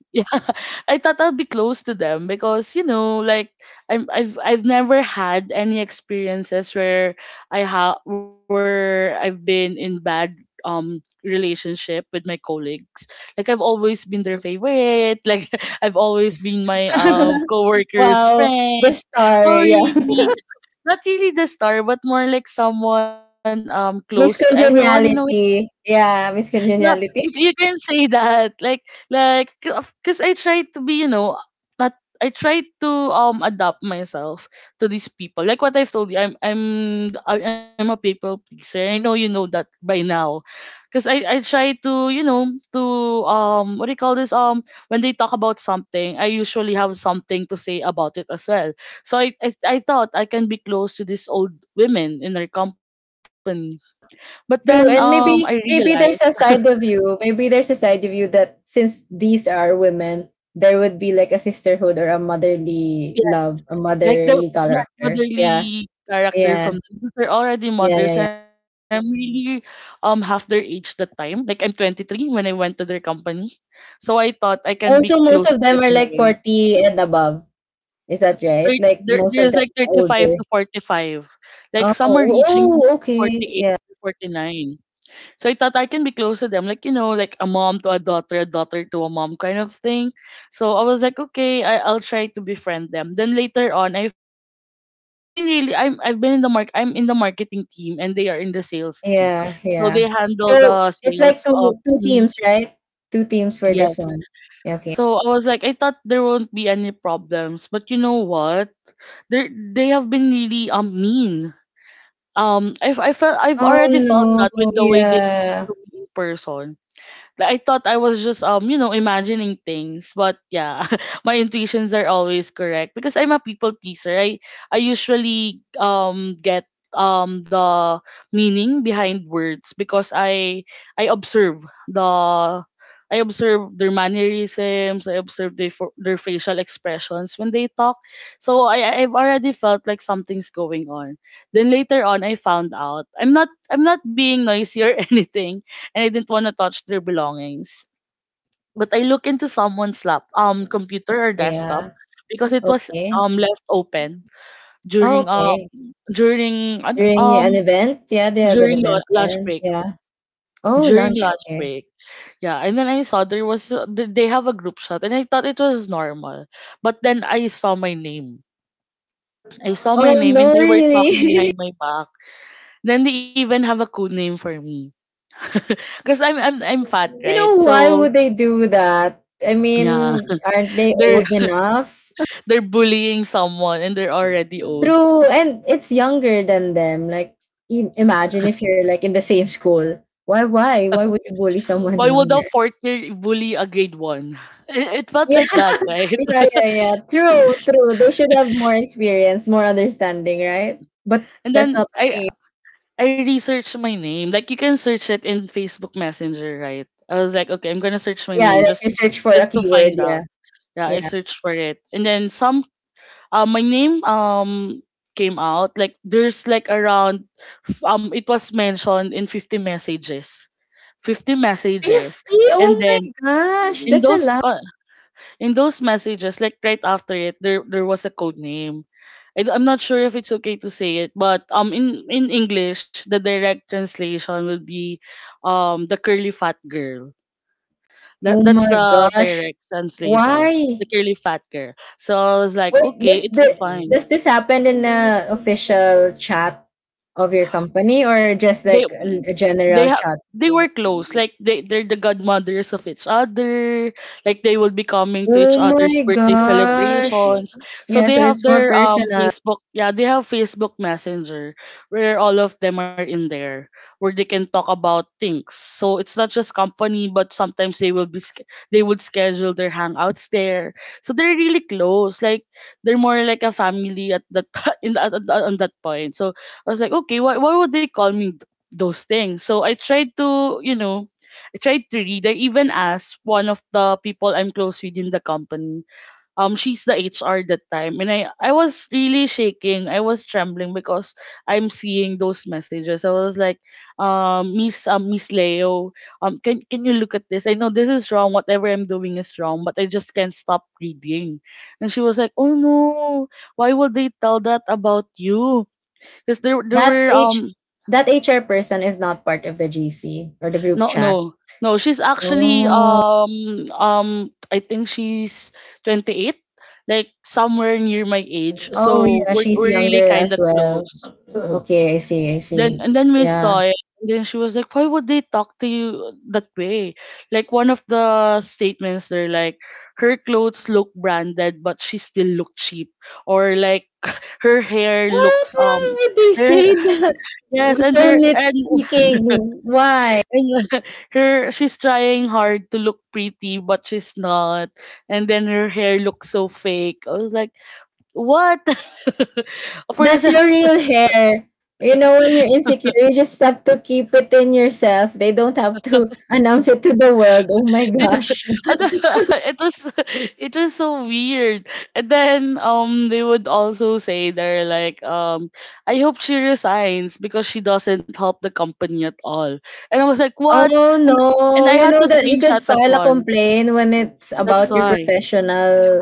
yeah, I thought I'll be close to them because you know, like I've never had any experiences where I ha where I've been in bad um relationship with my colleagues. Like I've always been their favorite. Like I've always been my coworkers'
wow,
friend.
the star.
Not
Yeah.
really, not really the star, but more like someone close to everyone in a,
Miscongeniality. Yeah,
yeah, you
miscongeniality.
can say that. Like because I try to be, you know, not I try to adapt myself to these people. Like what I've told you, I'm a people pleaser. I know you know that by now. Because I try to, you know, to um, what do you call this? Um, when they talk about something, I usually have something to say about it as well. So I thought I can be close to these old women in their company. But then
True,
I
and maybe
realized,
maybe there's a side of you, maybe there's a side of you that since these are women, there would be like a sisterhood or a motherly love, a
like the,
motherly
that
character. Yeah,
motherly character
yeah,
from them, because they're already
yeah, yeah,
mothers.
yeah.
And I'm really half their age that time. Like I'm 23 when I went to their company. So I thought I can be
Also,
close
most
to
of
them
them
in
are
a
like
way.
40 and above. Is that right? Like
There,
most of
there's
them
like
are
35 to
older.
45.
Oh,
Like some are reaching
oh,
48
okay.
to
Yeah,
49. So I thought I can be close to them, like you know, like a mom to a daughter to a mom kind of thing. So I was like, okay, I'll try to befriend them. Then later on, I found out like I've been in the mark I'm in the marketing team and they are in the sales team,
yeah,
so
yeah.
they handle
So
the
it's like
sales of.
two
Mm,
teams, right? Two teams for this
yes.
one. Yeah, okay.
So I was like, I thought there won't be any problems, but you know what? They have been really mean. I felt I've
Oh,
already felt
no.
that with the way they talk
Yeah.
to me in person. Like, I thought I was just you know imagining things, but yeah, my intuitions are always correct. Because I'm a people pleaser, I usually get the meaning behind words because I observe the I observe their mannerisms, I observe their their facial expressions when they talk. So I've already felt like something's going on. Then later on I found out I'm not being noisy or anything, and I didn't want to touch their belongings. But I looked into someone's lap, computer or desktop,
Yeah.
because it was
Okay.
left open
Oh,
during uh
okay.
during an-
During an
um
event? Yeah, they have an
during
event
lunch
then.
break.
Yeah. Oh,
During
lunch.
lunch
Okay.
break, yeah, and then I saw there was they have a group shot, and I thought it was normal. But then I saw my name. I saw
Oh,
my name, and
no,
they were talking
really?
behind my back. Then they even have a code name for me, because I'm fat,
you
right?
know, why
So
would they do that? I
yeah,
mean, aren't they
they're
old enough?
they're bullying someone and they're already old.
True. And it's younger than them. Like, im imagine if you're like in the same school. Why, why? Why would you bully someone
Why would a
younger?
fourth year bully a grade one? It felt
Yeah.
like that, right?
Yeah, yeah, yeah. True, true. They should have more experience, more understanding, right? But
And
that's
then
not the case.
I researched my name. Like you can search it in Facebook Messenger, right? I was like, okay, I'm gonna search my
Yeah,
name
like you search for a
just to
keyword.
find
Yeah,
out. Yeah, I
yeah.
searched for it, and then some. My name came out like there's like around it was mentioned in 50 messages, 50 messages,
50?
and
Oh my
then
gosh.
in
That's a
those
lot.
co- in those messages, like right after it, there was a code name. I'm not sure if it's okay to say it, but in English, the direct translation will be, the curly fat girl. That
Oh
that's
my
the
gosh.
direct translation, the
Why?
curly fat girl. So I was like,
Wait,
okay,
does, the,
it's fine.
does this happen in a official chat of your company or just
they
like a
they
general
have,
chat?
they were close, like they're the godmothers of each other. Like they will be coming to each
Oh
other's
my
birthday
gosh.
celebrations. So
Yeah,
they
so
have
it's more
their
personal.
Facebook. Yeah, they have Facebook Messenger where all of them are in there, where they can talk about things. So it's not just company, but sometimes they will be they would schedule their hangouts there. So they're really close, like they're more like a family at that in at- on that point. So I was like, okay, why would they call me those things? So I tried to, I tried to read. I even asked one of the people I'm close with in the company. She's the HR that time, and I was really shaking. I was trembling because I'm seeing those messages. I was like, Miss Miss Leo, can you look at this? I know this is wrong. Whatever I'm doing is wrong, but I just can't stop reading. And she was like, "Oh no, why would they tell that about you?" Because there
That
were
H that HR person is not part of the GC or the group
No,
chat.
no. No, she's actually
Oh.
I think she's 28, like somewhere near my age.
Oh
So
yeah,
we're
she's
we're really
younger
kind
as
of
well.
close.
Okay, I see, I
Then
see.
and then we saw
Yeah.
it. And then she was like, "Why would they talk to you that way?" Like one of the statements they're like, "Her clothes look branded, but she still look cheap," or like, "Her hair
What?
looks.
Why would they
Her,
say that?
yes,
Was
and
so
there and
nitpicking. Why?
And her she's trying hard to look pretty, but she's not. And then her hair looks so fake. I was like, what? For a
That's your real hair. You know, when you're insecure, you just have to keep it in yourself. They don't have to announce it to the world. Oh my
it,
gosh.
it was it was so weird. And then they would also say, they're like, I hope she resigns because she doesn't help the company at all. And I was like, what?
Oh,
And and
no.
I
You
had
know
to
that you could
screenshot that
file a
one.
complaint when it's
That's
about your Mm.
why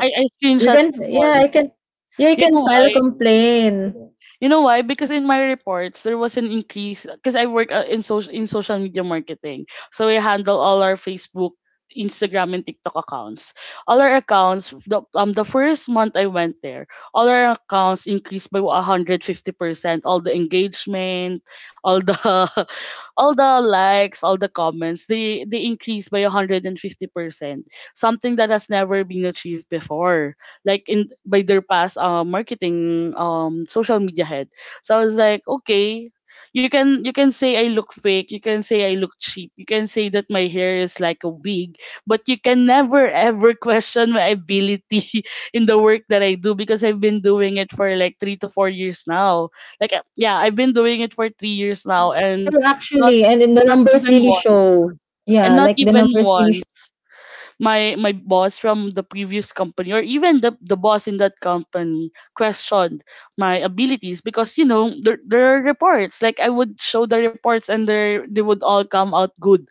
I I
we
screenshot that
can yeah,
one.
I can yeah, you
You
can
know
file a
why?
complaint.
You know why? Because in my reports there was an increase because I work in social media marketing. So we handle all our Facebook, Instagram and TikTok accounts. All our accounts, the first month I went there, all our accounts increased by 150%, all the engagement, all the all the likes, all the comments, they increased by 150%, something that has never been achieved before, like in by their past marketing social media head. So I was like, okay, you can say I look fake, you can say I look cheap, you can say that my hair is like a wig, but you can never ever question my ability in the work that I do, because I've been doing it for like 3 to 4 years now. Like yeah, I've been doing it for 3 years now, and
Oh,
not
actually, and then the
not
numbers
even
really
once,
show.
and
Yeah,
not
like the
even
numbers really show.
once my boss from the previous company or even the boss in that company questioned my abilities, because you know there are reports. Like I would show the reports and they would all come out good.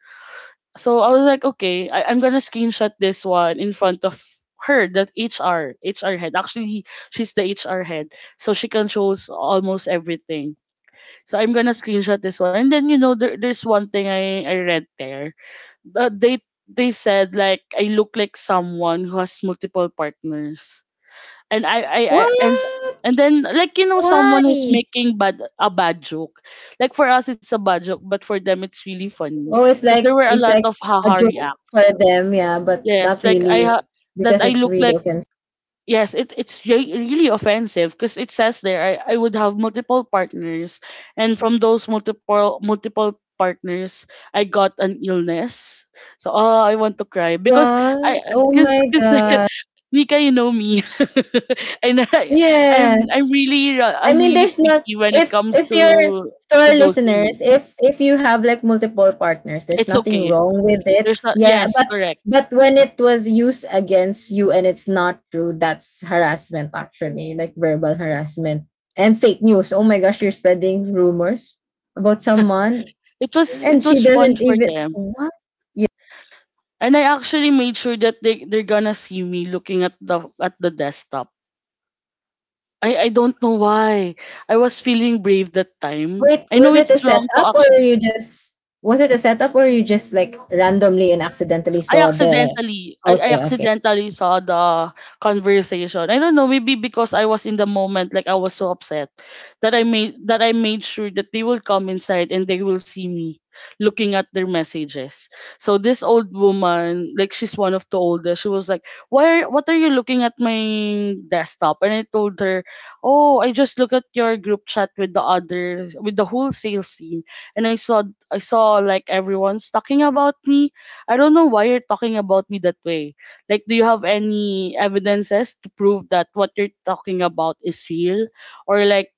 So I was like, okay, I'm gonna screenshot this one in front of her. That HR head, actually, she's the HR head, so she controls almost everything. So I'm gonna screenshot this one. And then, you know, there's one thing I read there. uh, they they said, like, I look like someone who has multiple partners. And I
What?
and then, like, you know, someone who's
Why?
making bad a bad joke. Like for us it's a bad joke, but for them it's really funny
Oh, it's
because there
like
were a
it's
lot
like
of
a
haha
joke for
reacts.
them, yeah, but
Yes,
not
like
really
that
because
I
it's
look
really
like
offensive.
yes, it's really offensive because it says there I would have multiple partners, and from those multiple partners, I got an illness. So oh, I want to cry because I
What? Oh my
because
god.
Nika, you know me, and
Yeah.
I'm really
I
I'm
mean,
really
there's not
picky when it
if
comes
if you're
to
to our
those things.
listeners, if you have like multiple partners, there's
It's
nothing
okay.
wrong with it.
There's not,
Yeah,
yes, correct.
but when it was used against you and it's not true, that's harassment actually, like verbal harassment and fake news. Oh my gosh, you're spreading rumors about someone
It
and
was
she
fun
doesn't
for
even
them.
what? Yeah.
And I actually made sure that they're gonna see me looking at the desktop. I don't know why. I was feeling brave that time.
Wait,
I know it's wrong to actually
was it a setup or you just like randomly and accidentally saw the.
I
Okay, okay.
accidentally saw the conversation. I don't know, maybe because I was in the moment, like I was so upset that I made sure that they will come inside and they will see me looking at their messages. So this old woman, like she's one of the oldest, she was like, what are you looking at my desktop?" And I told her, "Oh, I just look at your group chat with the other with the whole sales team, and I saw, I saw, like, everyone's talking about me. I don't know why you're talking about me that way. Like, do you have any evidences to prove that what you're talking about is real? Or like,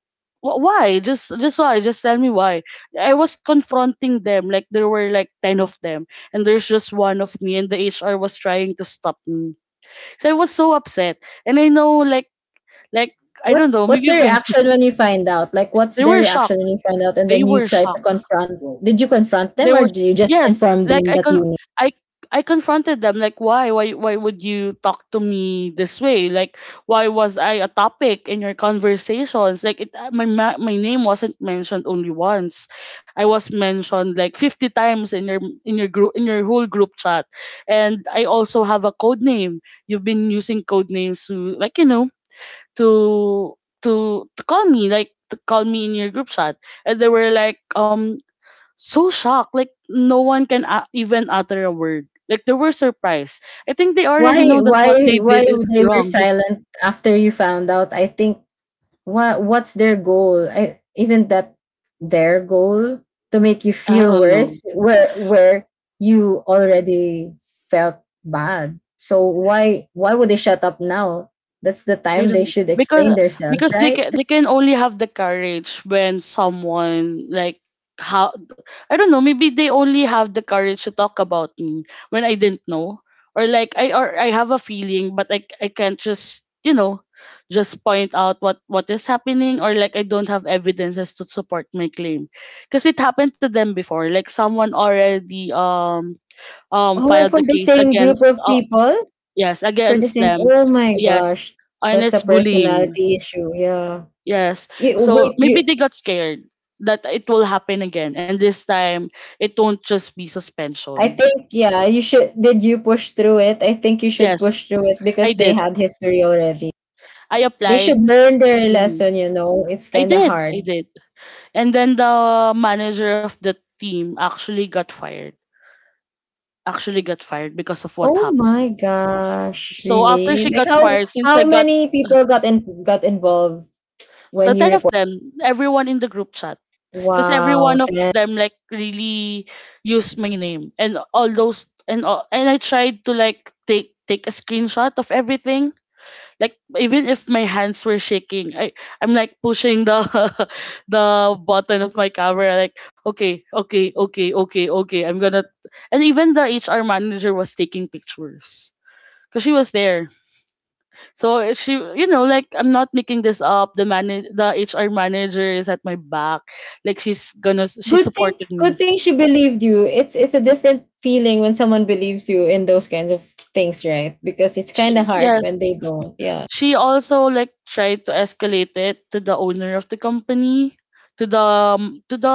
why? Just why? Just tell me why." I was confronting them. Like, there were like ten of them, and there's just one of me, and the HR was trying to stop me. So I was so upset, and I know, like, I don't
What's
know,
what's
maybe
their reaction when you find out? Like what's
they
their
were shocked.
reaction when you find out and
They
then you
were
try to
shocked.
confront did you confront
They
them
were
or did you just
yes,
inform
like
them
I
that
con
you knew?
I I confronted them, like, why why would you talk to me this way? Like, why was I a topic in your conversations? Like it my name wasn't mentioned only once. I was mentioned like 50 times in your group in your whole group chat. And I also have a code name. You've been using code names to, like, you know, to to call me, like, to call me in your group chat. And they were like, so shocked. Like no one can even utter a word. Like they were surprised. I think they
Why
already know that
why
what they
why
did is
they were
wrong.
silent after you found out? I think what's their goal? Isn't that their goal to make you
I
feel
don't know.
worse where you already felt bad? So why would they shut up now? That's the
I
time they
don't
should explain themselves,
because they
right?
can, they can only have the courage when someone like how I don't know, maybe they only have the courage to talk about me when I didn't know, or like I have a feeling, but I can't just, you know, just point out what is happening, or like I don't have evidences to support my claim because it happened to them before. Like someone already
Oh,
filed
for
a
the
case
same group
against
of people?
yes,
For the
against
same.
them.
Oh my
Yes.
gosh.
And
That's a
it's bullying.
personality issue. Yeah.
Yes.
Y-
So
wait,
maybe
you
they got scared that it will happen again. And this time, it won't just be
I
suspension.
think yeah, you should did you push through it? I think you should
Yes,
push through it
I
because they
did.
had history already.
I
They should
applied.
learn their
Mhm.
lesson, you know. It's
I
kind of
did.
hard.
I did. And then the manager of the team actually got fired. Actually got fired because of what
Oh
happened.
my gosh,
So after
really?
she
Like
got
how
fired, since I
how
got
many people got in got involved
the
when you
10 of
report?
them, everyone in the group chat, because every one
Wow,
of
10
them, like, really used my name and all those and all, and I tried to, like, take a screenshot of everything, like, even if my hands were shaking, I'm like pushing the the button of my camera, like, okay okay okay okay okay, I'm gonna. And even the HR manager was taking pictures because she was there. So she, you know, like, I'm not making this up. The HR manager is at my back. Like, she
good thing
supported
good
me.
thing she believed you. It's a different feeling when someone believes you in those kinds of things, right? Because it's kind of hard when
Yes,
they don't. Yeah.
she also, like, tried to escalate it to the owner of the company, to the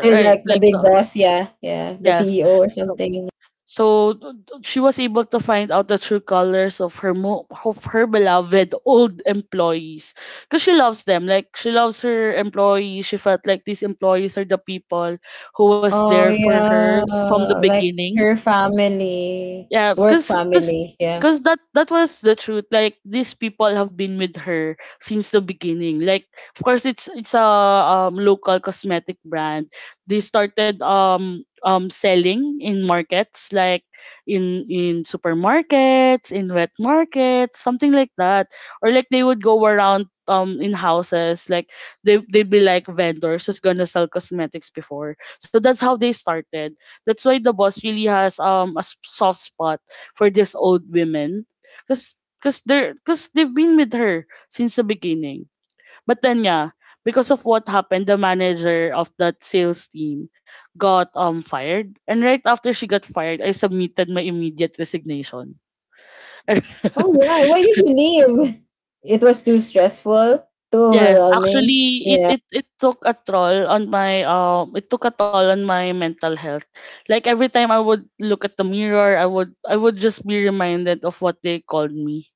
They're
right,
like the
like
big
the,
boss, yeah. Yeah, the
yes.
CEO or
So
something.
so she was able to find out the true colors of her beloved old employees, because she loves them. Like she loves her employees. She felt like these employees are the people who was there
Oh
for her
yeah,
from the
like
beginning.
her family,
Yeah,
work family, yeah.
cause that that was the truth. Like these people have been with her since the beginning. Like of course it's a local cosmetic brand. They started selling in markets, like in supermarkets, in wet markets, something like that. Or like they would go around in houses, like they'd be like vendors who's gonna sell cosmetics before. So that's how they started. That's why the boss really has a soft spot for these old women, cause cause they're cause they've been with her since the beginning. But then, yeah, because of what happened, the manager of that sales team got fired, and right after she got fired, I submitted my immediate resignation.
Oh right, why did you leave? It was too stressful, too
Yes,
overwhelming.
actually,
Yeah.
it took a toll on my it took a toll on my mental health. Like every time I would look at the mirror, I would just be reminded of what they called me.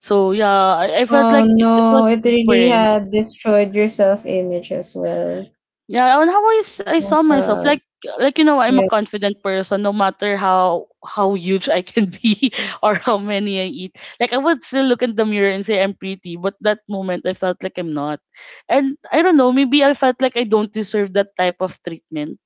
So yeah, I felt
Oh
like it
no,
was
it really
different.
had destroyed your self image as well.
Yeah, and how I, I
Oh
saw myself like
sad.
like I'm a
Yeah.
confident person no matter how huge I can be or how many I eat. Like I would still look in the mirror and say I'm pretty, but that moment I felt like I'm not. And I don't know, maybe I felt like I don't deserve that type of treatment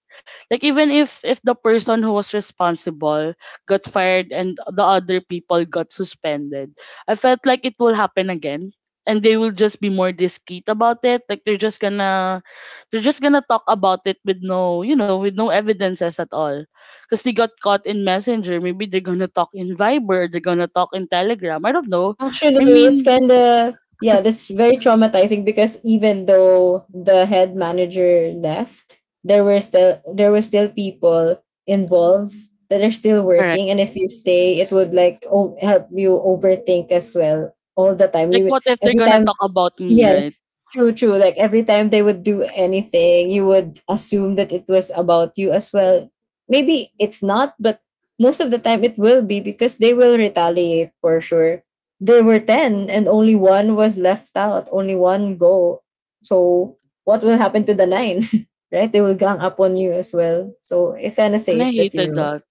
like even if the person who was responsible got fired and the other people got suspended, I felt like it will happen again and they will just be more discreet about it. Like they're just gonna talk about it with with no evidences at all. Because they got caught in Messenger. Maybe they're gonna talk in Viber, they're gonna talk in Telegram. I don't know.
Actually, no,
I
no, no, it's
mean,
kind of yeah, that's very traumatizing because even though the head manager left, there were still people involved that are still
correct.
working, and if you stay, it would like o- help you overthink as well all the time.
Like,
You
what if they're
every
gonna
time.
talk about me, right?
Yes, true, true. Like every time they would do anything, you would assume that it was about you as well. Maybe it's not, but most of the time it will be because they will retaliate for sure. There were 10 and only one was left out, only one go. So what will happen to the nine? right? They will gang up on you as well. So it's kind of
And I
safe that
hated
you
that.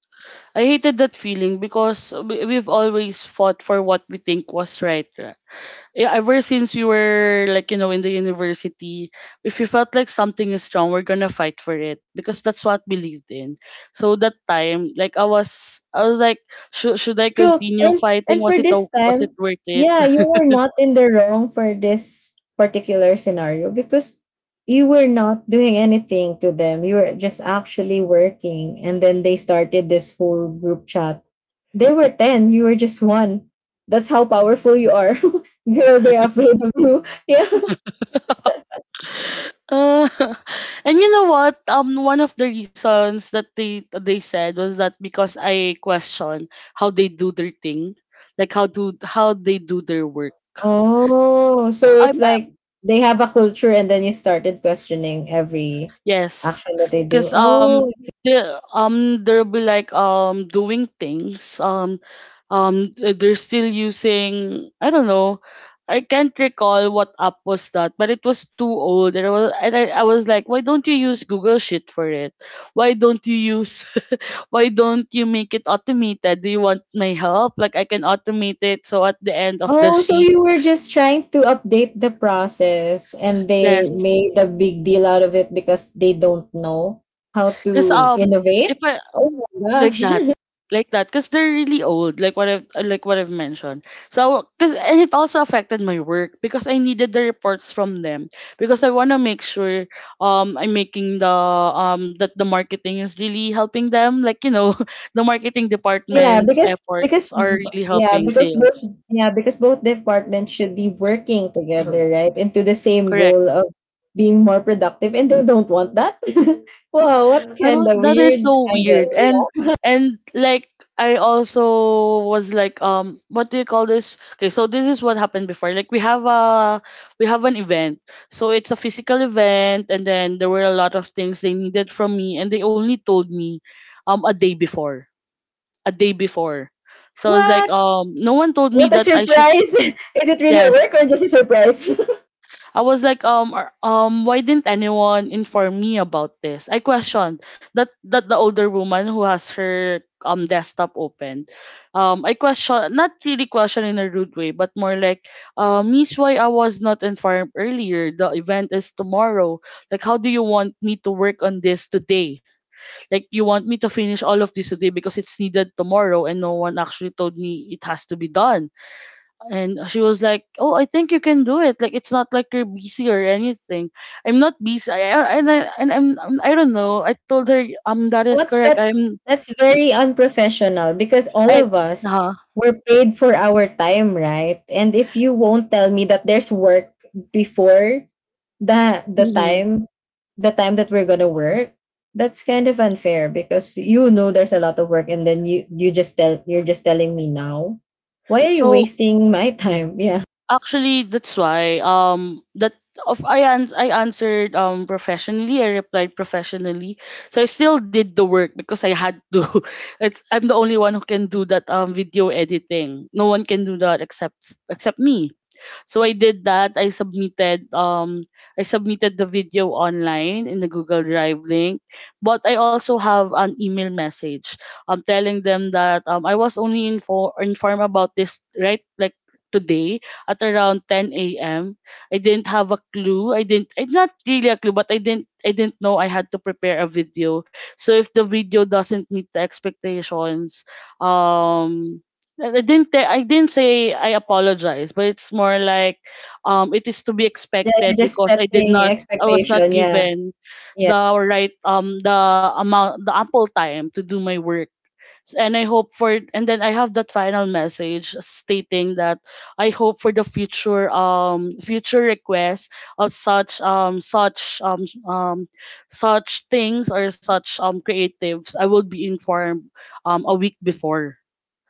I hated that feeling because we've always fought for what we think was right. Yeah, ever since we were like in the university, if we felt like something is wrong, we're gonna fight for it because that's what we believed in. So that time, like I was like, should I
true.
continue
And
fighting? Was
for this
was it
time,
worth it?
yeah, you were not in the wrong for this particular scenario because you were not doing anything to them. You were just actually working and then they started this whole group chat. They were 10, you were just one. That's how powerful you are. Girl, they're afraid of you. Yeah.
Uh, and you know what? One of the reasons that they said was that because I question how they do their thing, like how they do their work.
Oh, so it's
I'm
like they have a culture and then you started questioning every
Yes,
action that they do.
because
Oh,
they there'll be like doing things they're still using, I don't know, I can't recall what app was that, but it was too old. And I, was like, why don't you use Google Sheet for it? Why don't you use why don't you make it automated? Do you want my help? Like I can automate it so at the end of the
oh, so
sheet.
you were just trying to update the process and they
Yes,
made a big deal out of it because they don't know how
because
to
if
innovate?
I,
Oh my
like
gosh.
that like that, because they're really old, like what I've like what I've mentioned. So because, and it also affected my work because I needed the reports from them because I want to make sure I'm making the that the marketing is really helping them, like you know, the marketing
Yeah,
department's efforts
because
are
b-
really helping sales.
yeah, because both departments should be working together, right? Into the same
Correct.
goal of being more productive and they don't want that. Wow, what
I
kind
don't,
of
that is
weird
so
angle.
weird.
Yeah.
And like I also was like, what do you call this? Okay, so this is what happened before. Like we have an event. So it's a physical event, and then there were a lot of things they needed from me and they only told me a day before. A day before. So I was like,
What?
no one told me
What a
that I should.
surprise. Is it really a
Yes,
work or just a surprise?
I was like, why didn't anyone inform me about this? I questioned that the older woman who has her desktop open. I question, not really question in a rude way, but more like, "Miss, why I was not informed earlier? The event is tomorrow. Like, how do you want me to work on this today? Like, you want me to finish all of this today because it's needed tomorrow, and no one actually told me it has to be done." And she was like, "Oh, I think you can do it. Like it's not like you're busy or anything." I'm not busy. I'm, I don't know. I told her, That is
What's
correct. I'm
that's very unprofessional because all
I
of us
uh-huh.
were paid for our time, right? And if you won't tell me that there's work before the the
Hmm."
time the time that we're gonna work, that's kind of unfair because you know there's a lot of work and then you're just telling me now. Why are you
So
wasting my time? Yeah.
actually, that's why that of I an- I answered professionally. I replied professionally. So I still did the work because I had to. It's, I'm the only one who can do that video editing. No one can do that except me. So I did that. I submitted the video online in the Google Drive link, but I also have an email message telling them that I was only informed about this, right, like today at around 10 a.m. I didn't have a clue. I, not really a clue, but I didn't know I had to prepare a video. So if the video doesn't meet the expectations, um I didn't say I apologize, but it's more like it is to be
Yeah, you're
expected
just
because I did
setting
not, I was not
expectation. Yeah.
given the amount, the ample time to do my work. And I hope for, and then I have that final message stating that I hope for the future future requests of such such things or such creatives I will be informed a week before,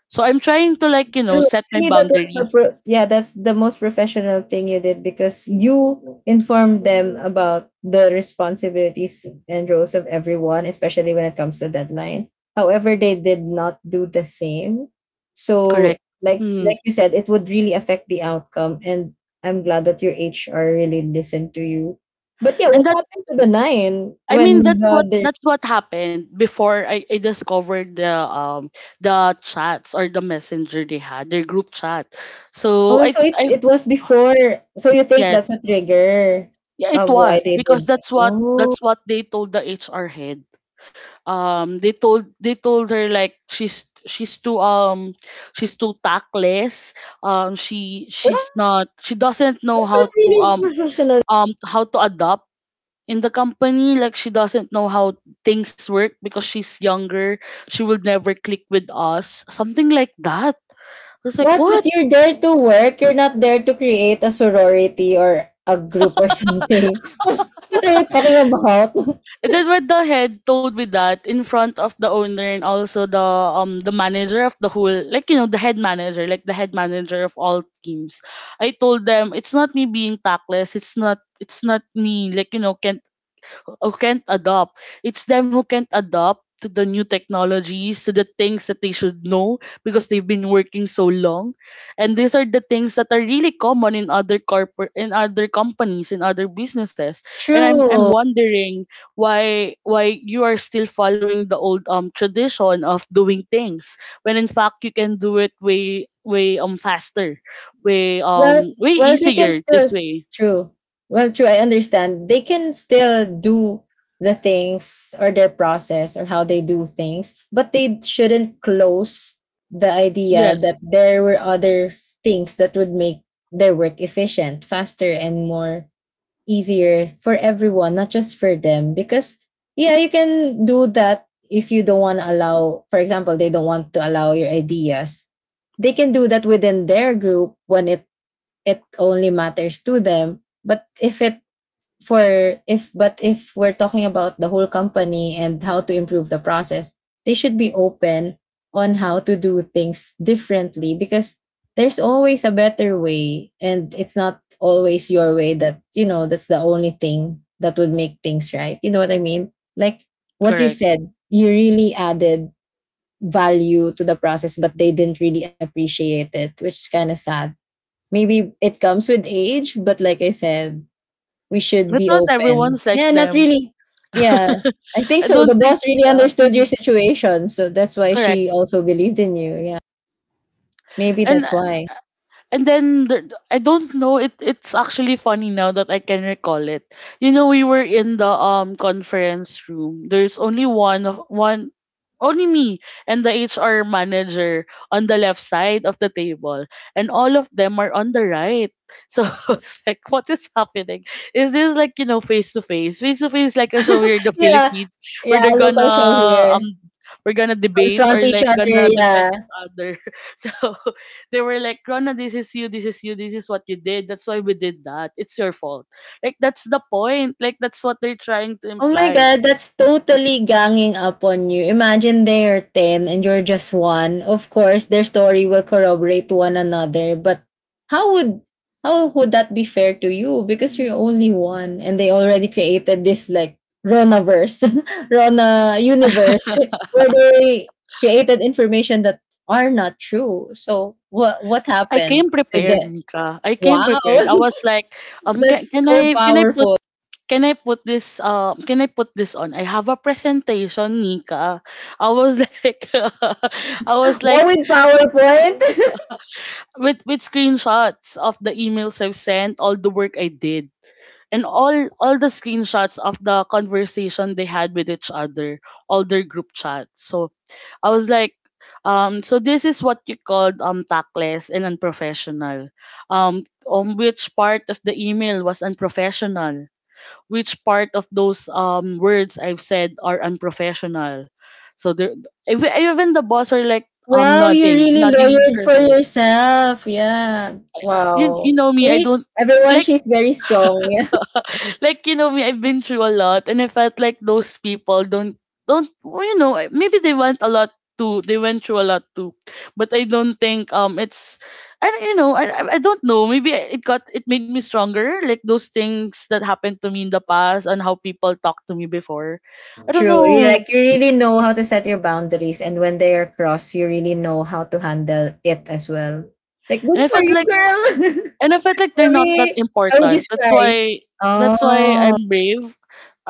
so I'm trying to, like, you know,
True.
set my
Actually, that was
boundary.
that's the most professional thing you did because you informed them about the responsibilities and roles of everyone, especially when it comes to deadline. However, they did not do the same. So,
Correct.
like
Hmm.
like you said, it would really affect the outcome. And I'm glad that your HR really listened to you. But yeah,
And that
what happened to the nine
I mean,
when
that's
the—
what happened before I discovered the chats or the messenger they had, their group chat. So
Oh, so
I,
it was before. So you think that's
yes.
a trigger
Yeah, it
of why
was,
they
because
did that?
that's
Oh,
what they told the HR head. They told they told her like she's she's too tactless. She,
well,
she doesn't know
that's not really professional.
how to adapt in the company. Like she doesn't know how things work because she's younger, she will never click with us, something like that. I was like,
What? But
what?
you're there to work. You're not there to create a sorority or a group or something. What are you talking about?
And then when the head told me that in front of the owner, and also the manager of the whole, like you know, the head manager, like the head manager of all teams, I told them, it's not me being tactless, it's not me, like you know, can who can't adopt. It's them who can't adopt to the new technologies, to the things that they should know because they've been working so long. And these are the things that are really common in other companies, in other businesses. And I'm
True.
wondering why you are still following the old tradition of doing things when in fact you can do it way faster,
Well,
way
well, they can
easier this
still
way.
true. Well, True. I understand. They can still do the things or their process or how they do things, but they shouldn't close the idea
Yes,
that there were other things that would make their work efficient, faster, and more easier for everyone, not just for them. Because yeah, you can do that if you don't want to allow. For example, they don't want to allow your ideas, they can do that within their group when it only matters to them, but if it for if but if we're talking about the whole company and how to improve the process, they should be open on how to do things differently because there's always a better way and it's not always your way, that, you know, that's the only thing that would make things right, you know what I mean? Like what you
correct.
said, you really added value to the process but they didn't really appreciate it, which is kind of sad. Maybe it comes with age, but like I said, we should
I
be
thought
open.
everyone's like
Yeah, not
them.
really. Yeah. I think
I
so. The
don't think,
boss really
yeah,
understood your
mhm,
situation. So that's why
correct.
she also believed in you. Yeah. Maybe
And
that's why.
And then there, I don't know. It, it's actually funny now that I can recall it. You know, we were in the conference room. There's only one, only me and the HR manager on the left side of the table, and all of them are on the right. So I was like, what is happening? Is this, like you know, face to face? Face to face like a show here in the
Yeah.
Philippines where
Yeah.
they're
Local show
gonna
here.
we're gonna debate,
Confront
or
each
like
other.
gonna defend
Yeah.
each other. So they were like, "Rona, this is you, this is you, this is what you did. That's why we did that. It's your fault." Like, that's the point. Like, that's what they're trying to
Oh my
imply.
god, that's totally ganging up on you. Imagine they are 10 and you're just one. Of course, their story will corroborate one another, but how would— how would that be fair to you because you're only one and they already created this like Ronaverse, Rona universe, where they created information that are not true. So what
I
happened?
came
Did
prepared,
the—
Nika. I came
Wow,
prepared. I was like,
that's so
can I put,
powerful.
can I put this on? I have a presentation, Nika. I was like I was like,
What, with PowerPoint?
with screenshots of the emails I've sent, all the work I did, and all the screenshots of the conversation they had with each other, all their group chats. So I was like, so this is what you called tactless and unprofessional. On which part of the email was unprofessional? Which part of those words I've said are unprofessional? So there, even the boss were like,
Wow, you
nodding,
really
nodding
lawyered
her
for
head.
yourself. Yeah.
You,
Wow.
know me, I
See,
don't
everyone,
like
she's very strong.
like you know me, I've been through a lot, and I felt like those people don't, well, you know, maybe they went a lot too they went through a lot too, but I don't think it's I don't- you know, I don't know, maybe it got, it made me stronger, like those things that happened to me in the past and how people talked to me before.
Yeah.
I don't
True. You
know.
like you really know how to set your boundaries, and when they are crossed, you really know how to handle it as well. Like,
And
good
I
for
felt
you,
like,
girl.
and I felt like they're
For
not that
me, I would
important.
just cry.
That's why
Oh,
I'm brave,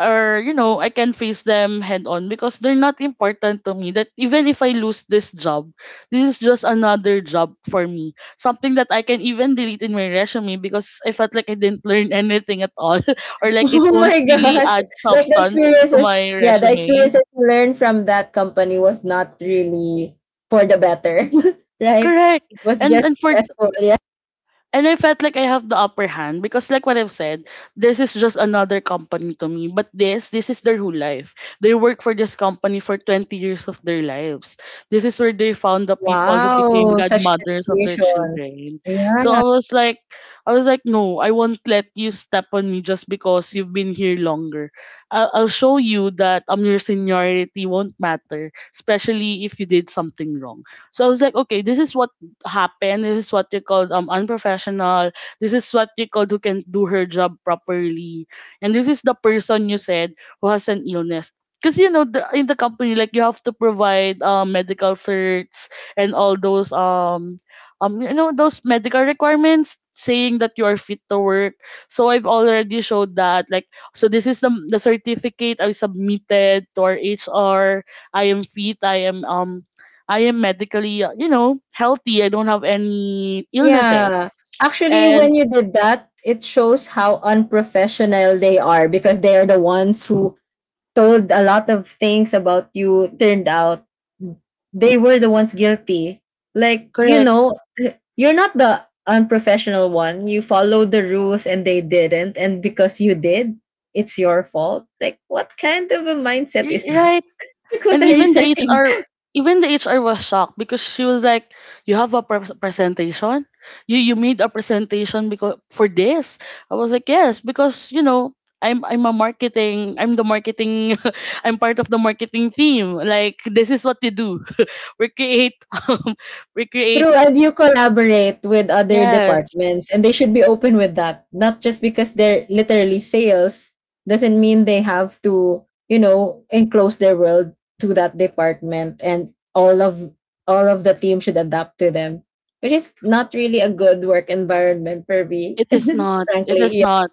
or you know, I can face them head on because they're not important to me. That even if I lose this job, this is just another job for me. Something that I can even delete in my resume because I felt like I didn't learn anything at all, or like it
oh
won't
my
really
gosh!
add
Like the
substance to
experiences.
my
Yeah, the
resume.
experiences you learned from that company was not really for the better, right?
Correct.
It was just
And for
stressful. Yeah.
And I felt like I have the upper hand because like what I've said, this is just another company to me. But this is their whole life. They work for this company for 20 years of their lives. This is where they found the people who became
Wow, such
godmothers of their
dedication.
children. So I
Yeah.
was like I was like, no, I won't let you step on me just because you've been here longer. I'll show you that your seniority won't matter, especially if you did something wrong. So I was like, okay, this is what happen. This is what you call unprofessional. This is what you call who can do her job properly. And this is the person you said who has an illness. Because in the company like you have to provide medical certs and all those those medical requirements saying that you are fit to work. So I've already showed that like so this is the certificate I submitted to our HR. I am fit. I am medically, healthy. I don't have any
Yeah.
illnesses.
Actually,
And
when you did that, it shows how unprofessional they are because they are the ones who told a lot of things about you, turned out they were the ones guilty. Like, you
correct.
know, you're not the unprofessional one. You followed the rules and they didn't, and because you did, it's your fault. Like what kind of a mindset is that?
Right.
Like what are you
And even the
setting—
HR Even the HR was shocked because she was like, "You have a presentation? You made a presentation because for this?" I was like, "Yes, I'm a marketing. I'm the marketing. I'm part of the marketing team. Like this is what we do. we create um, we create
True, and you collaborate with other
yes.
departments, and they should be open with that. Not just because they're literally sales doesn't mean they have to, you know, enclose their world to that department, and all of the team should adapt to them, which is not really a good work environment for me,
It is not.
frankly. Yeah.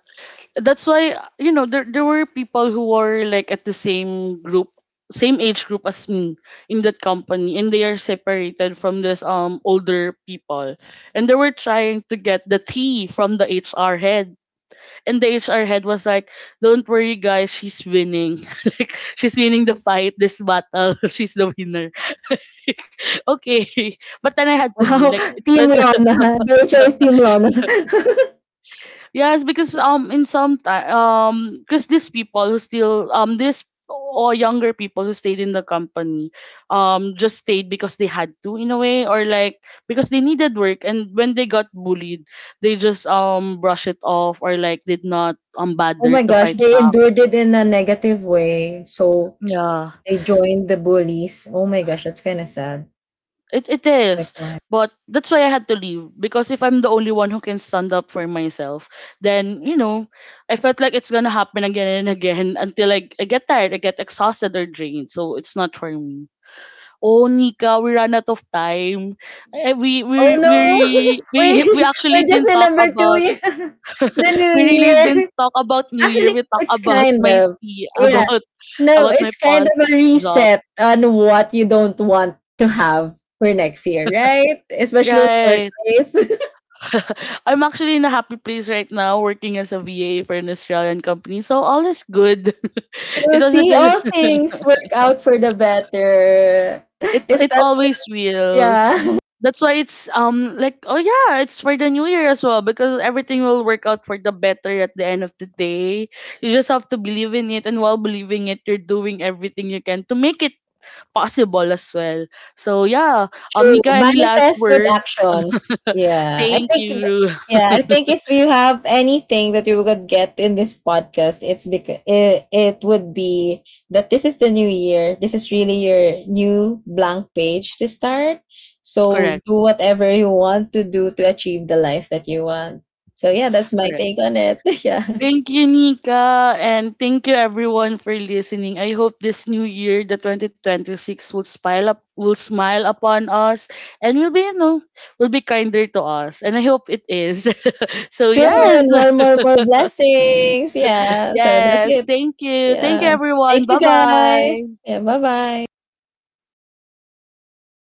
That's why you know there were people who were like at the same group same age group as me in that company and they are separated from this older people and they were trying to get the tea from the HR head and the HR head was like don't worry guys, she's winning, like she's winning the fight, this battle. She's the winner. Okay. But then I had to leave
Wow,
like it's,
Team
it's
Rona. The HR is Team Rona.
yes, because in some time because these people who still this or younger people who stayed in the company just stayed because they had to in a way or like because they needed work, and when they got bullied they just brush it off or like did not
Oh
bother
my
to
gosh,
fight
they
back.
endured it in a negative way, so
Yeah.
they joined the bullies. Oh my gosh, that's kind of sad.
It
Like
is,
what?
but that's why I had to leave because if I'm the only one who can stand up for myself, then you know, I felt like it's gonna happen again and again until I get tired, I get exhausted or drained. So it's not for me. Oh, Nika, we ran out of time. Eh, We
Oh
we
no!
we we
We
actually
we're just
didn't
in
talk
number two
about,
year, the new
we really didn't
year.
talk about New Year.
Actually,
We talked
it's
about
kind
my
of—
tea,
yeah. No,
about my
it's kind
past
of a
job.
reset on what you don't want to have for next year, right? Especially in the
Right.
workplace.
I'm actually in a happy place right now working as a VA for an Australian company. So all is good. It
True.
was a
See,
good,
all things work out for the better.
it
If
it
that's—
always will.
yeah.
That's why it's like oh yeah, it's for the new year as well because everything will work out for the better at the end of the day. You just have to believe in it, and while believing it you're doing everything you can to make it possible as well. So yeah,
True.
Nika, any last
Manifest with
words?
actions. Yeah.
Thank you.
Yeah, I think if you have anything that you would get in this podcast, it's because it would be that this is the new year. This is really your new blank page to start. So
Correct.
do whatever you want to do to achieve the life that you want. So yeah, that's my
Correct.
take on it. Yeah.
Thank you, Nika, and thank you everyone for listening. I hope this new year, the 2026, will smile upon us, and will be, you know, will be kinder to us. And I hope it is. So
True.
yes,
And more, more, more blessings. Yeah. So that's
yes.
it.
Thank you,
Yeah. Thank
everyone.
you
Bye
guys.
bye.
Yeah. Bye bye.